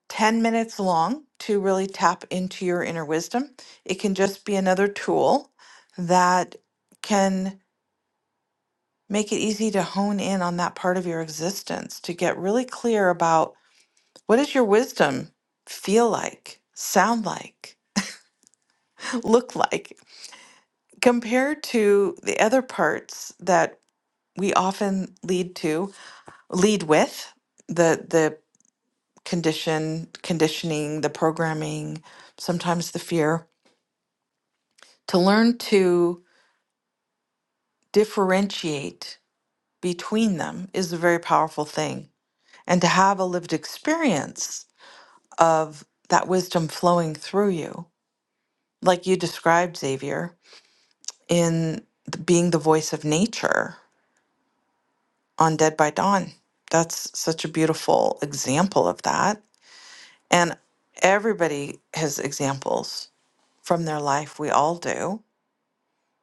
S1: 10 minutes long to really tap into your inner wisdom. It can just be another tool that can make it easy to hone in on that part of your existence, to get really clear about what does your wisdom feel like, sound like, look like, compared to the other parts that we often lead to, lead with, the the condition, conditioning, the programming, sometimes the fear. To learn to differentiate between them is a very powerful thing. And to have a lived experience of that wisdom flowing through you, like you described, Xavier, in the, being the voice of nature on Dead by Dawn. That's such a beautiful example of that. And everybody has examples from their life. We all do.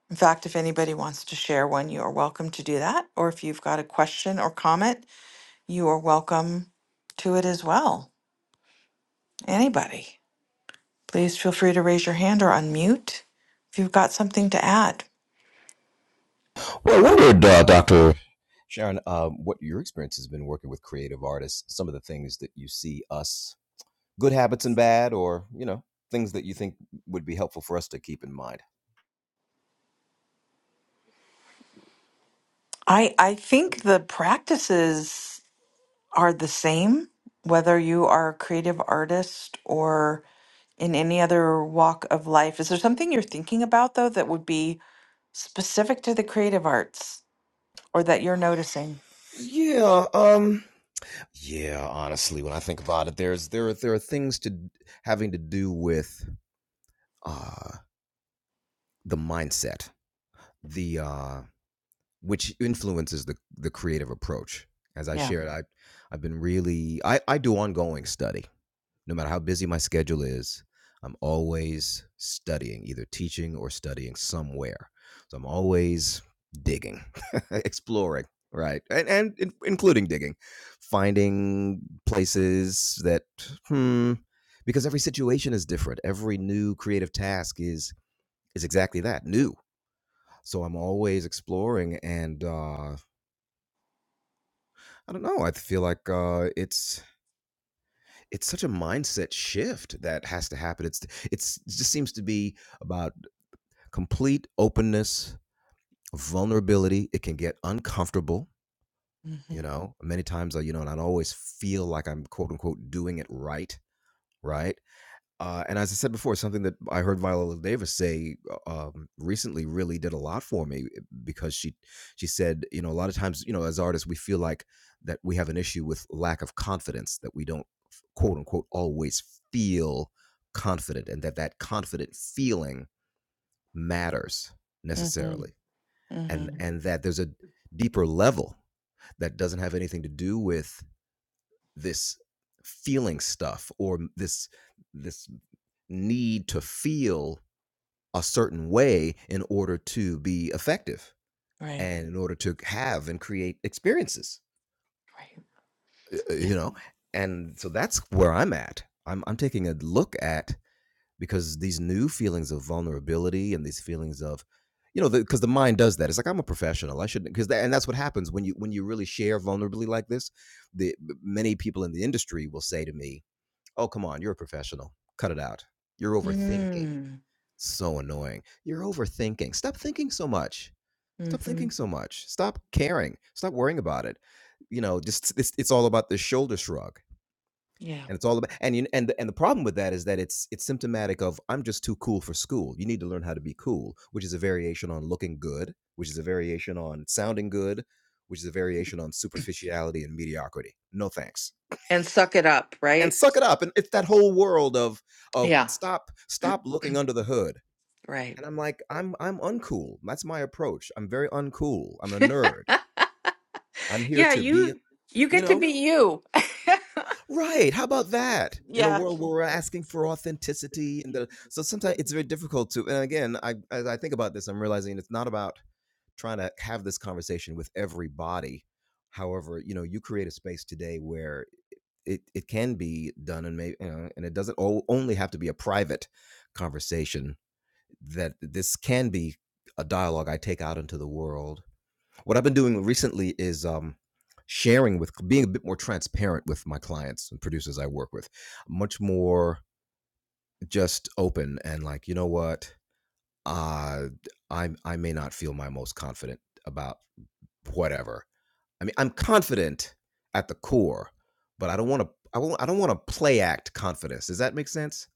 S1: In fact, if anybody wants to share one, you are welcome to do that. Or if you've got a question or comment, you are welcome to it as well. Anybody, please feel free to raise your hand or unmute if you've got something to add.
S6: Well, I wondered, uh, Doctor Sharon, uh, what your experience has been working with creative artists. Some of the things that you see us good habits and bad, or you know things that you think would be helpful for us to keep in mind.
S1: I I think the practices are the same, whether you are a creative artist or in any other walk of life. Is there something you're thinking about though that would be specific to the creative arts or that you're noticing?
S6: Yeah, um yeah, honestly, when I think about it, there's there are there are things to having to do with uh the mindset. The uh which influences the the creative approach. As I
S1: Yeah.
S6: shared, I I've been really I I do ongoing study. No matter how busy my schedule is, I'm always studying, either teaching or studying somewhere. So I'm always digging, exploring, right? And and in- including digging, finding places that hmm because every situation is different. Every new creative task is is exactly that, new so i'm always exploring and uh I don't know. I feel like uh, it's it's such a mindset shift that has to happen. It's it's it just seems to be about complete openness, vulnerability. It can get uncomfortable, you
S1: Mm-hmm.
S6: know. Many times, uh, you know, and I always feel like I'm quote unquote doing it right, right? Uh, and as I said before, something that I heard Viola Davis say uh, um, recently really did a lot for me eh, because she she said, you know, a lot of times, you know, as artists, we feel like that we have an issue with lack of confidence that we don't quote unquote always feel confident, and that that confident feeling matters
S1: Mm-hmm.
S6: necessarily, and
S1: Mm-hmm.
S6: and that there's a deeper level that doesn't have anything to do with this feeling stuff or this this need to feel a certain way in order to be effective
S1: Right.
S6: and in order to have and create experiences
S1: Right.
S6: uh, uh,
S1: Yeah.
S6: you know and so that's where i'm at i'm i'm taking a look at because these new feelings of vulnerability and these feelings of you know because the, the mind does that it's like i'm a professional i shouldn't because that, and that's what happens when you when you really share vulnerably like this the many people in the industry will say to me oh come on you're a professional cut it out you're overthinking
S1: Mm.
S6: so annoying you're overthinking stop thinking so much Stop
S1: Mm-hmm.
S6: thinking so much. Stop caring. Stop worrying about it. You know, just it's, it's all about the shoulder shrug,
S1: Yeah.
S6: and it's all about and you and the, and the problem with that is that it's it's symptomatic of I'm just too cool for school. You need to learn how to be cool, which is a variation on looking good, which is a variation on sounding good, which is a variation on superficiality and mediocrity. No thanks.
S1: And suck it up,
S6: And
S1: right?
S6: suck it up. And it's that whole world of of
S1: Yeah.
S6: stop stop looking under the hood.
S1: Right.
S6: And I'm like, I'm I'm uncool. That's my approach. I'm very uncool. I'm a nerd. I'm here
S1: Yeah,
S6: to be,
S1: you you
S6: you
S1: get to
S6: know,
S1: be you.
S6: right. How about that? In a world where we're asking for authenticity and the, so sometimes it's very difficult to and again, I as I think about this, I'm realizing it's not about trying to have this conversation with everybody. However, you know, you create a space today where it, it can be done and maybe you know, and it doesn't o- only have to be a private conversation that this can be a dialogue I take out into the world What I've been doing recently is um, sharing with being a bit more transparent with my clients and producers I work with, much more just open and like, you know what, uh, I I may not feel my most confident about whatever. I mean, I'm confident at the core, but I don't want to. I won't, I don't want to play act confidence. Does that make sense?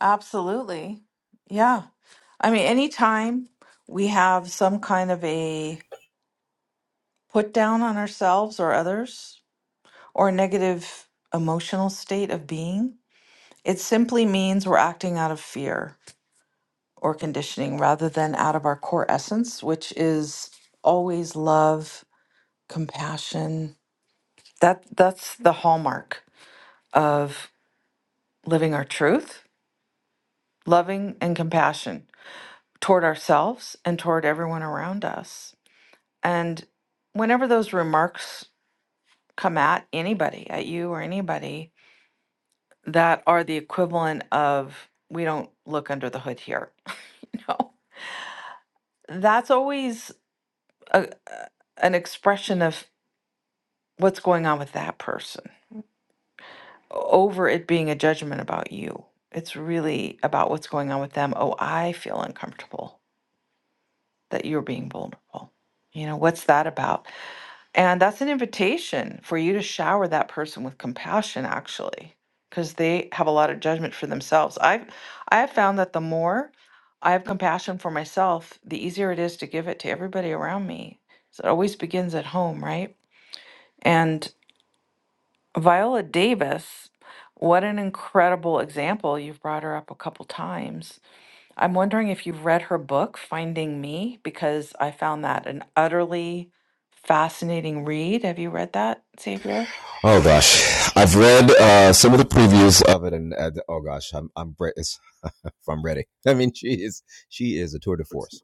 S1: Absolutely. Yeah. I mean, anytime we have some kind of a put down on ourselves or others or a negative emotional state of being, it simply means we're acting out of fear or conditioning rather than out of our core essence, which is always love, compassion. That that's the hallmark of living our truth, loving and compassion toward ourselves and toward everyone around us. And whenever those remarks come at anybody, at you or anybody, that are the equivalent of, we don't look under the hood here. No, that's always a, a- an expression of what's going on with that person over it being a judgment about you. It's really about what's going on with them. Oh, I feel uncomfortable that you're being vulnerable. You know, what's that about? And that's an invitation for you to shower that person with compassion, actually, because they have a lot of judgment for themselves. I've I have found that the more I have compassion for myself, the easier it is to give it to everybody around me. So it always begins at home, right? And Viola Davis, what an incredible example. You've brought her up a couple times I'm wondering if you've read her book, Finding Me, because I found that an utterly fascinating read. Have you read that, Xavier?
S6: Oh gosh, I've read uh, some of the previews of it, and uh, oh gosh, I'm I'm re- it's, I'm ready. I mean, she is she is a tour de force.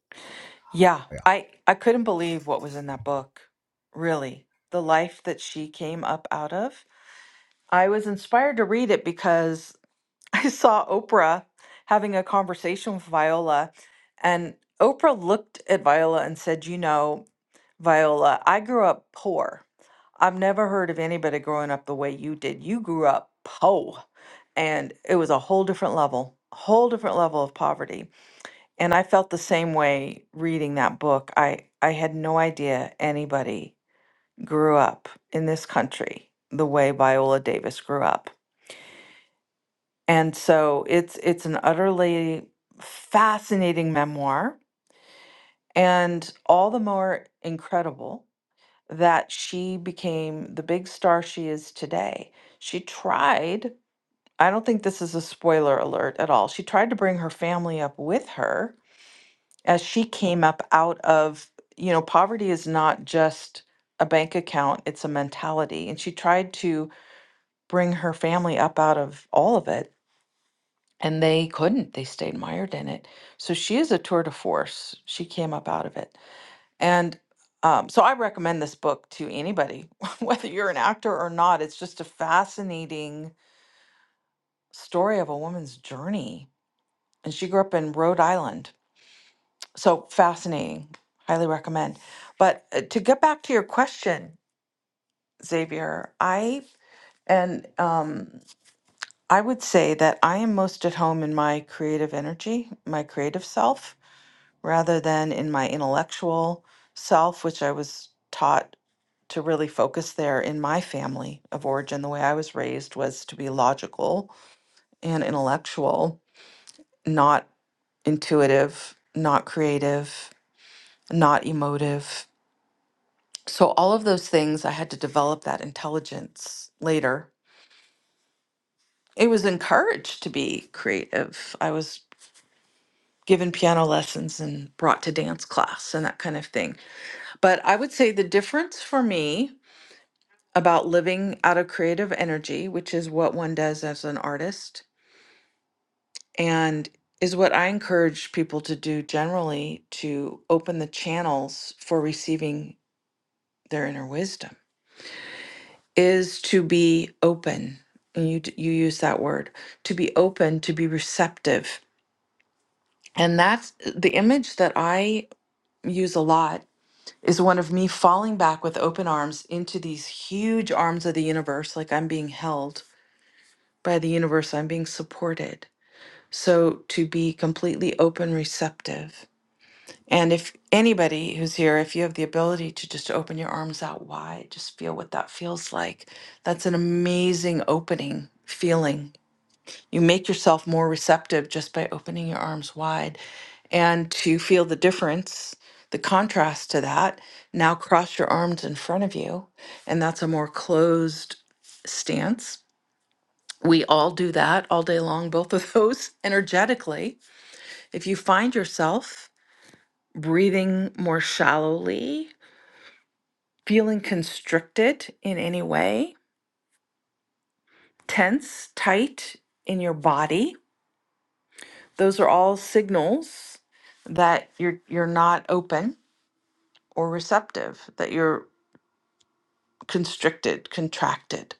S1: Yeah, I I couldn't believe what was in that book. Really, the life that she came up out of. I was inspired to read it because I saw Oprah having a conversation with Viola, and Oprah looked at Viola and said, "You know." Viola, I grew up poor. I've never heard of anybody growing up the way you did. You grew up po, and it was a whole different level, whole different level of poverty. And I felt the same way reading that book. I I had no idea anybody grew up in this country the way Viola Davis grew up. And so it's it's an utterly fascinating memoir and all the more incredible that she became the big star she is today. She tried, I don't think this is a spoiler alert at all. She tried to bring her family up with her as she came up out of, you know, poverty is not just a bank account, it's a mentality. And she tried to bring her family up out of all of it, and they couldn't. They stayed mired in it. So she is a tour de force. She came up out of it. And um, so I recommend this book to anybody, whether you're an actor or not. It's just a fascinating story of a woman's journey. And she grew up in Rhode Island. So fascinating. Highly recommend. But uh, to get back to your question, Xavier, I and um, I would say that I am most at home in my creative energy, my creative self, rather than in my intellectual self, which I was taught to really focus there in my family of origin. The way I was raised was to be logical and intellectual, not intuitive, not creative, not emotive. So, all of those things, I had to develop that intelligence later. It was encouraged to be creative. I was given piano lessons and brought to dance class and that kind of thing. But I would say the difference for me about living out of creative energy, which is what one does as an artist, and is what I encourage people to do generally to open the channels for receiving their inner wisdom is to be open. And you d- you use that word to be open, to be receptive, and that's the image that I use a lot is one of me falling back with open arms into these huge arms of the universe, like I'm being held by the universe, I'm being supported. So to be completely open, receptive And if anybody who's here, if you have the ability to just open your arms out wide, just feel what that feels like. That's an amazing opening feeling. You make yourself more receptive just by opening your arms wide. And to feel the difference, the contrast to that, now cross your arms in front of you. And that's a more closed stance. We all do that all day long, both of those energetically. If you find yourself breathing more shallowly, feeling constricted in any way, tense, tight in your body. Those are all signals that you're you're not open or receptive, that you're constricted, contracted.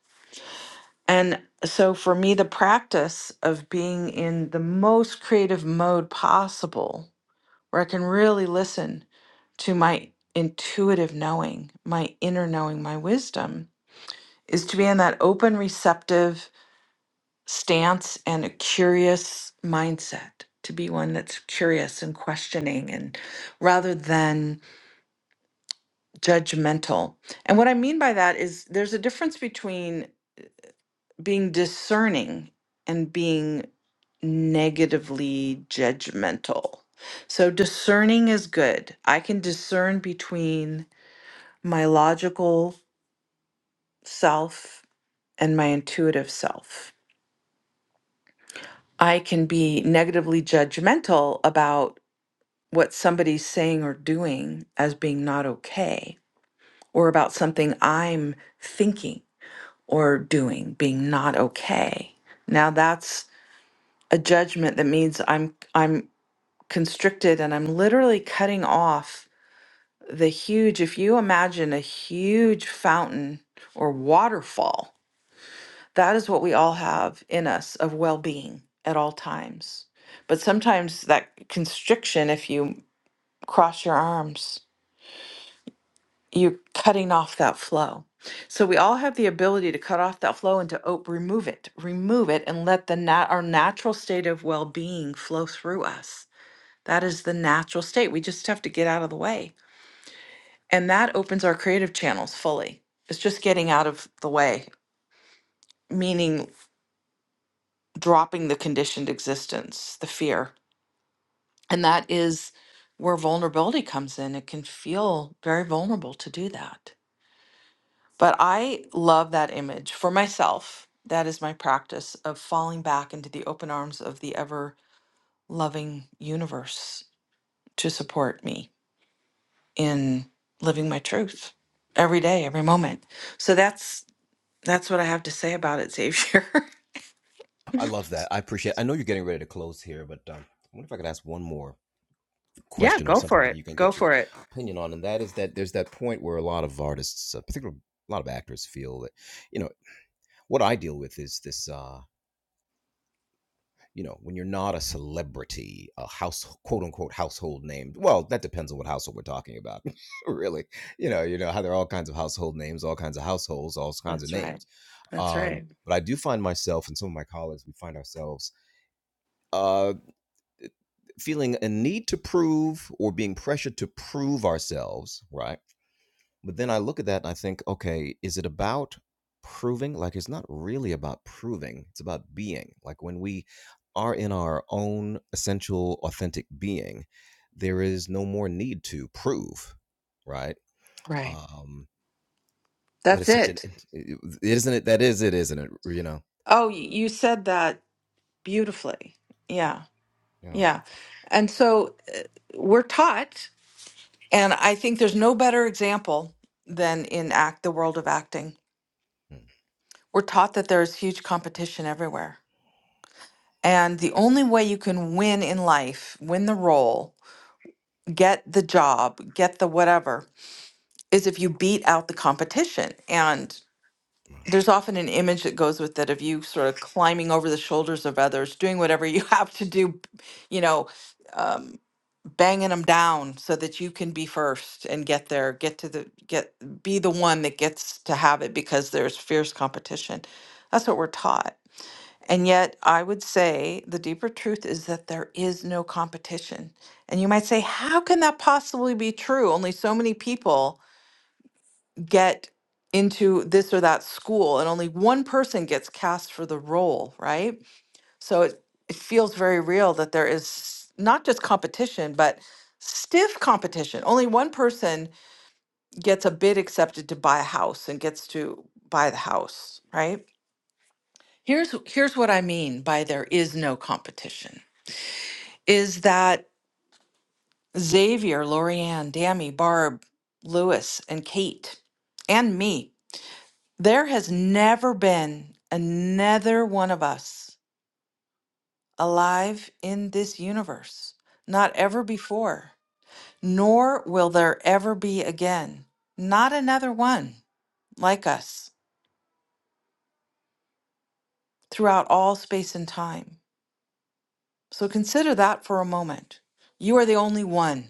S1: And so for me the practice of being in the most creative mode possible where I can really listen to my intuitive knowing, my inner knowing, my wisdom is to be in that open receptive stance and a curious mindset to be one that's curious and questioning and rather than judgmental. And what I mean by that is there's a difference between being discerning and being negatively judgmental. So discerning is good. I can discern between my logical self and my intuitive self. I can be negatively judgmental about what somebody's saying or doing as being not okay or about something I'm thinking or doing being not okay. Now that's a judgment that means I'm I'm constricted and I'm literally cutting off the huge if you imagine a huge fountain or waterfall that is what we all have in us of well-being at all times. But sometimes that constriction if you cross your arms you're cutting off that flow. So we all have the ability to cut off that flow and to op- remove it, remove it, and let the nat- our natural state of well-being flow through us. That is the natural state. We just have to get out of the way, and that opens our creative channels fully. It's just getting out of the way, meaning dropping the conditioned existence, the fear, and that is where vulnerability comes in. It can feel very vulnerable to do that But I love that image for myself. That is my practice of falling back into the open arms of the ever loving universe to support me in living my truth every day, every moment. So that's that's what I have to say about it, Xavier.
S6: I love that. I appreciate. it. I know you're getting ready to close here, but um, I wonder if I could ask one more
S1: yeah,
S6: question or
S1: go for
S6: something that
S1: it.
S6: you can
S1: Go
S6: get your
S1: for it.
S6: opinion on, and that is that there's that point where a lot of artists, uh, particularly a lot of actors, feel that you know what I deal with is this. Uh, you know, when you're not a celebrity, a house quote unquote household name. Well, that depends on what household we're talking about, really. You know, you know how there are all kinds of household names, all kinds of households, all kinds of
S1: That's right.
S6: names.
S1: That's
S6: Um,
S1: right.
S6: but I do find myself and some of my colleagues, we find ourselves uh, feeling a need to prove or being pressured to prove ourselves, right? But then I look at that and I think, okay, is it about proving? Like, it's not really about proving, it's about being. Like, when we are in our own essential, authentic being, there is no more need to prove, right?
S1: Right.
S6: Um, but
S1: That's
S6: it's such an
S1: it.
S6: is not it isn't it? That is it, isn't it? You know?
S1: Oh, y- you said that beautifully. Yeah.
S6: Yeah.
S1: Yeah. And so we're taught And I think there's no better example than in act the world of acting.
S6: Hmm.
S1: We're taught that there is huge competition everywhere. And the only way you can win in life, win the role, get the job, get the whatever, is if you beat out the competition. And there's often an image that goes with it of you sort of climbing over the shoulders of others, doing whatever you have to do, you know, um, banging them down so that you can be first and get there, get to the get, be the one that gets to have it because there's fierce competition. That's what we're taught. And yet, I would say the deeper truth is that there is no competition. And you might say, how can that possibly be true? Only so many people get into this or that school and only one person gets cast for the role, right? So it, it feels very real that there is not just competition, but stiff competition. Only one person gets a bid accepted to buy a house and gets to buy the house, right? Here's here's what I mean by there is no competition. Is that Xavier, Lorianne, Dammy, Barb, Lewis, and Kate, and me There has never been another one of us alive in this universe, not ever before, nor will there ever be again, not another one like us throughout all space and time. So consider that for a moment. You are the only one.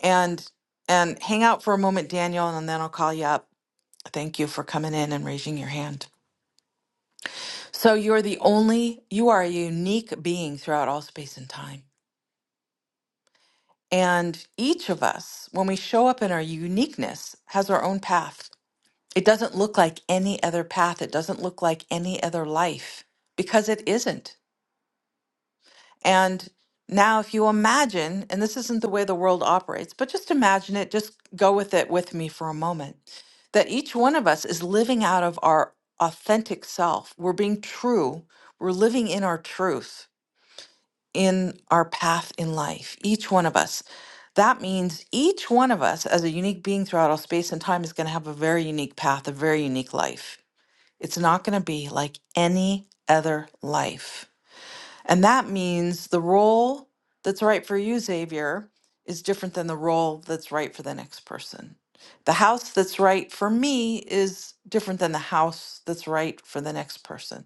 S1: And and hang out for a moment, Daniel, and then I'll call you up. Thank you for coming in and raising your hand. So you're the only you are a unique being throughout all space and time. And each of us, when we show up in our uniqueness, has our own path. It doesn't look like any other path. It doesn't look like any other life because it isn't. And now, if you imagine, and this isn't the way the world operates, but just imagine it, just go with it with me for a moment, that each one of us is living out of our authentic self. We're being true, we're living in our truth in our path in life, each one of us. That means each one of us, as a unique being throughout all space and time, is going to have a very unique path, a very unique life. It's not going to be like any other life. And that means the role that's right for you, Xavier, is different than the role that's right for the next person. The house that's right for me is different than the house that's right for the next person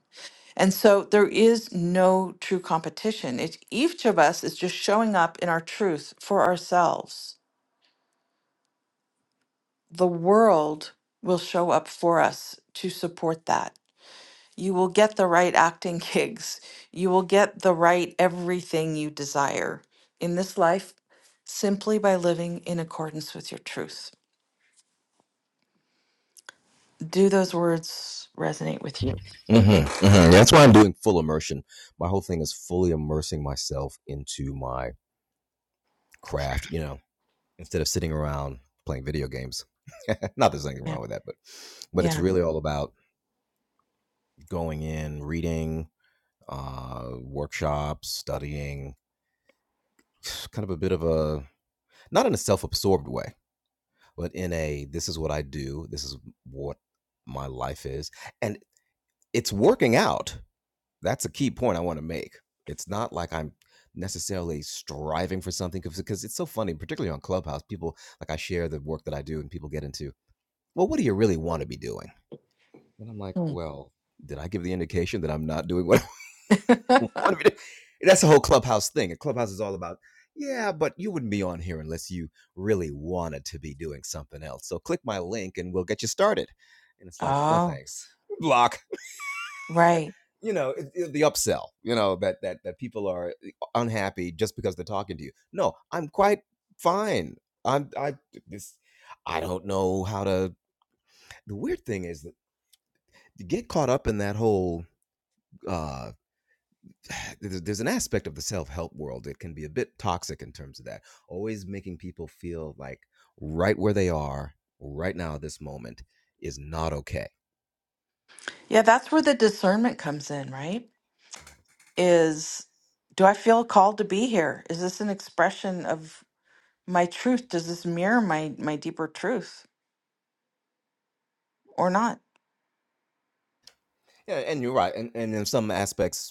S1: and so there is no true competition. It's each of us is just showing up in our truth for ourselves. The world will show up for us to support that. You will get the right acting gigs. You will get the right everything you desire in this life simply by living in accordance with your truth. Do those words resonate with you?
S6: Mm-hmm, hmm That's why I'm doing full immersion. My whole thing is fully immersing myself into my craft, you know, instead of sitting around playing video games. Not there's anything
S1: Yeah.
S6: wrong with that, but but it's
S1: Yeah.
S6: really all about going in, reading, uh, workshops, studying, kind of a bit of a not in a self-absorbed way, but in a this is what I do, this is what my life is, and it's working out That's a key point I want to make. It's not like I'm necessarily striving for something because it's so funny, particularly on Clubhouse. People like I share the work that I do, and people get into, well, what do you really want to be doing? And I'm like,
S1: Hmm.
S6: well, did I give the indication that I'm not doing what I want to be doing? That's the whole Clubhouse thing. And Clubhouse is all about, yeah, but you wouldn't be on here unless you really wanted to be doing something else. So click my link, and we'll get you started. And it's like, no
S1: oh,
S6: thanks, block.
S1: right.
S6: you know it, it- the upsell you know that that that people are eh, unhappy just because they're talking to you no i'm quite fine i'm i this i don't know how to the weird thing is that you get caught up in that whole uh there's there's an aspect of the self-help world that can be a bit toxic in terms of that always making people feel like right where they are right now this moment is not okay
S1: Yeah, that's where the discernment comes in, right? is do I feel called to be here? Is this an expression of my truth? Does this mirror my my deeper truth or not?
S6: yeah and you're right and, and in some aspects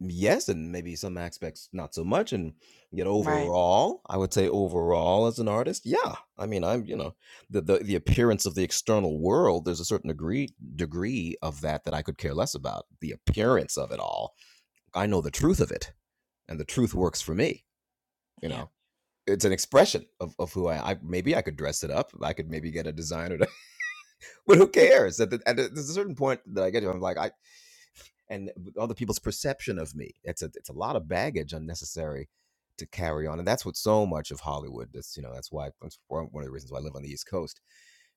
S6: yes, and maybe some aspects not so much. And yet
S1: Right.
S6: overall, I would say overall as an artist, yeah. I mean, I'm you know the the, the appearance of the external world. There's a certain degree degree of that that I could care less about. The appearance of it all. I know the truth of it, and the truth works for me. You
S1: Yeah.
S6: know. It's an expression of, of who I, I maybe I could dress it up. I could maybe get a designer to, but who cares? At, the, at a, there's a certain point that I get to, I'm like, I, and other people's perception of me. It's a it's a lot of baggage unnecessary to carry on, and that's what so much of Hollywood. That's you know that's why that's one of the reasons why I live on the East Coast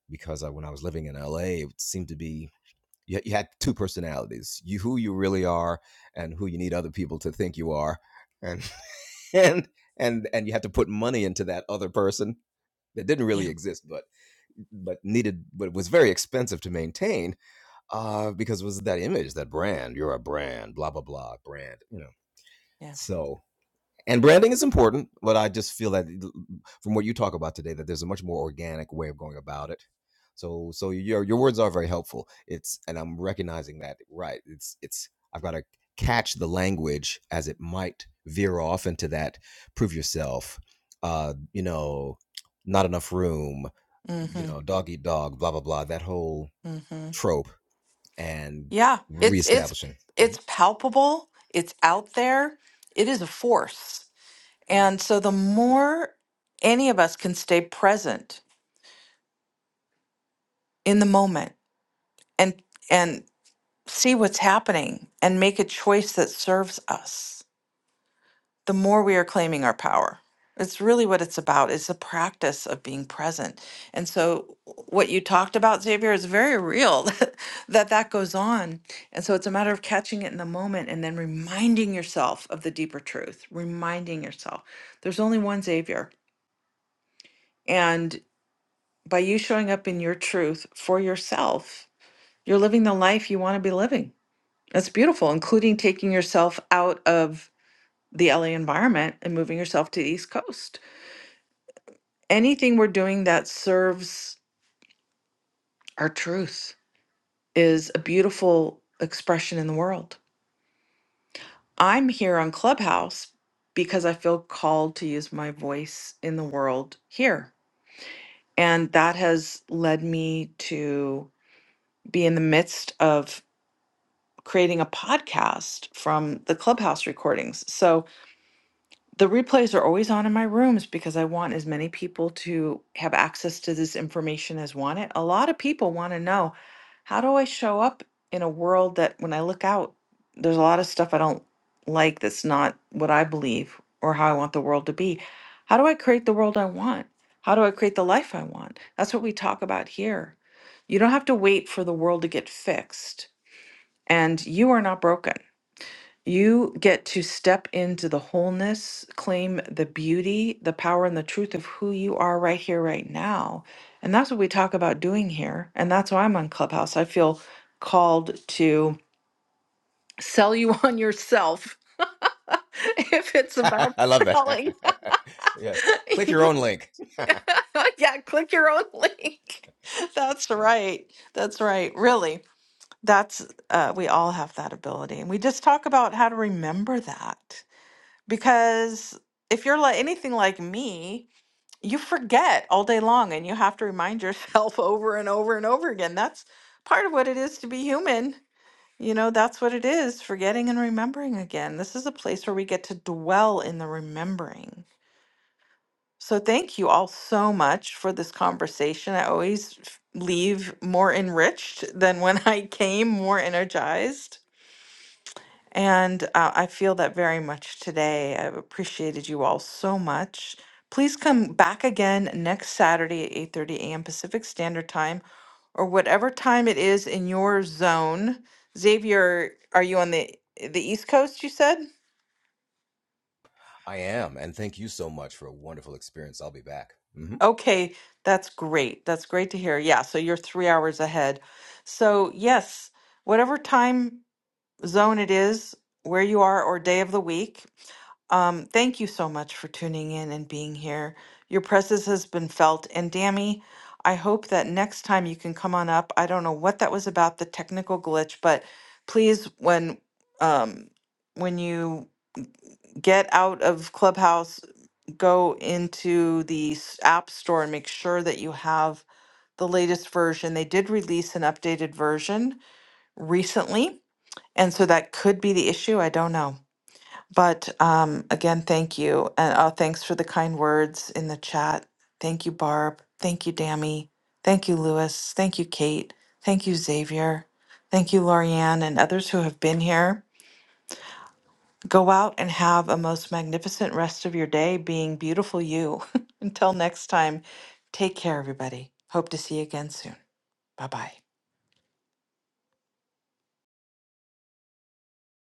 S6: because I, when I was living in L.A., it seemed to be you, you had two personalities: you who you really are, and who you need other people to think you are, and and and and you had to put money into that other person that didn't
S1: Yeah.
S6: really exist, but but needed but was very expensive to maintain uh, because it was that image, that brand. You're a brand, blah blah blah, brand. You know,
S1: Yeah.
S6: so and branding is important, but I just feel that from what you talk about today, that there's a much more organic way of going about it. So, so your your words are very helpful. It's and I'm recognizing that right. It's it's I've got to catch the language as it might veer off into that prove yourself. Uh, you know, not enough room. You
S1: Mhm.
S6: know, dog eat dog. Blah blah blah. That whole
S1: Mhm.
S6: trope and
S1: Yeah, it's it's
S6: reestablishing. Mhm.
S1: it's palpable. It's out there. It is a force.
S6: Mhm.
S1: And so the more any of us can stay present in the moment and and see what's happening and make a choice that serves us the more we are claiming our power. It's really what it's about. It's the practice of being present. And so, what you talked about, Xavier, is very real that that goes on. And so, it's a matter of catching it in the moment and then reminding yourself of the deeper truth, reminding yourself there's only one Xavier. And by you showing up in your truth for yourself, you're living the life you want to be living. That's beautiful, including taking yourself out of the LA environment and moving yourself to the East Coast anything we're doing that serves our truth is a beautiful expression in the world. I'm here on Clubhouse because I feel called to use my voice in the world here. And that has led me to be in the midst of creating a podcast from the Clubhouse recordings. So, The replays are always on in my rooms because I want as many people to have access to this information as want it. A lot of people want to know how do I show up in a world that when I look out, there's a lot of stuff I don't like that's not what I believe or how I want the world to be. How do I create the world I want? How do I create the life I want? That's what we talk about here. You don't have to wait for the world to get fixed, and you are not broken. You get to step into the wholeness, claim the beauty, the power, and the truth of who you are right here, right now. And that's what we talk about doing here. And that's why I'm on Clubhouse. I feel called to sell you on yourself. if it's about,
S6: I love that. yes. Click your own link.
S1: yeah, click your own link. That's
S6: Love it.
S1: right. That's right. Really, that's, uh, we all have that ability. And we just talk about how to remember that because if you're like anything like me, you forget all day long and you have to remind yourself over and over and over again. That's part of what it is to be human. You know, that's what it is, forgetting and remembering again. This is a place where we get to dwell in the remembering. So thank you all so much for this conversation. I always f- leave more enriched than when I came, more energized. And uh, I feel that very much today. I've appreciated you all so much. Please come back again next Saturday at 8:30 a.m. Pacific Standard Time or whatever time it is in your zone. Xavier, are you on the the East Coast, you said?
S6: I am. And thank you so much for a wonderful experience. I'll be back. Mhm.
S1: Okay, that's great. That's great to hear. Yeah, so you're 3 hours ahead. So, yes, whatever time zone it is, where you are, or day of the week. Um, thank you so much for tuning in and being here. Your presence has been felt. And Dammy, I hope that next time you can come on up. I don't know what that was about, the technical glitch, but please, when um, when you get out of Clubhouse, go into the s- App Store and make sure that you have the latest version. They did release an updated version recently. And so that could be the issue. I don't know. But um, again, thank you. And uh, thanks for the kind words in the chat. Thank you, Barb. Thank you, Dammy. Thank you, Lewis. Thank you, Kate. Thank you, Xavier. Thank you, Lorianne, and others who have been here. Go out and have a most magnificent rest of your day, being beautiful you. Until next time, take care, everybody. Hope to see you again soon. Bye bye.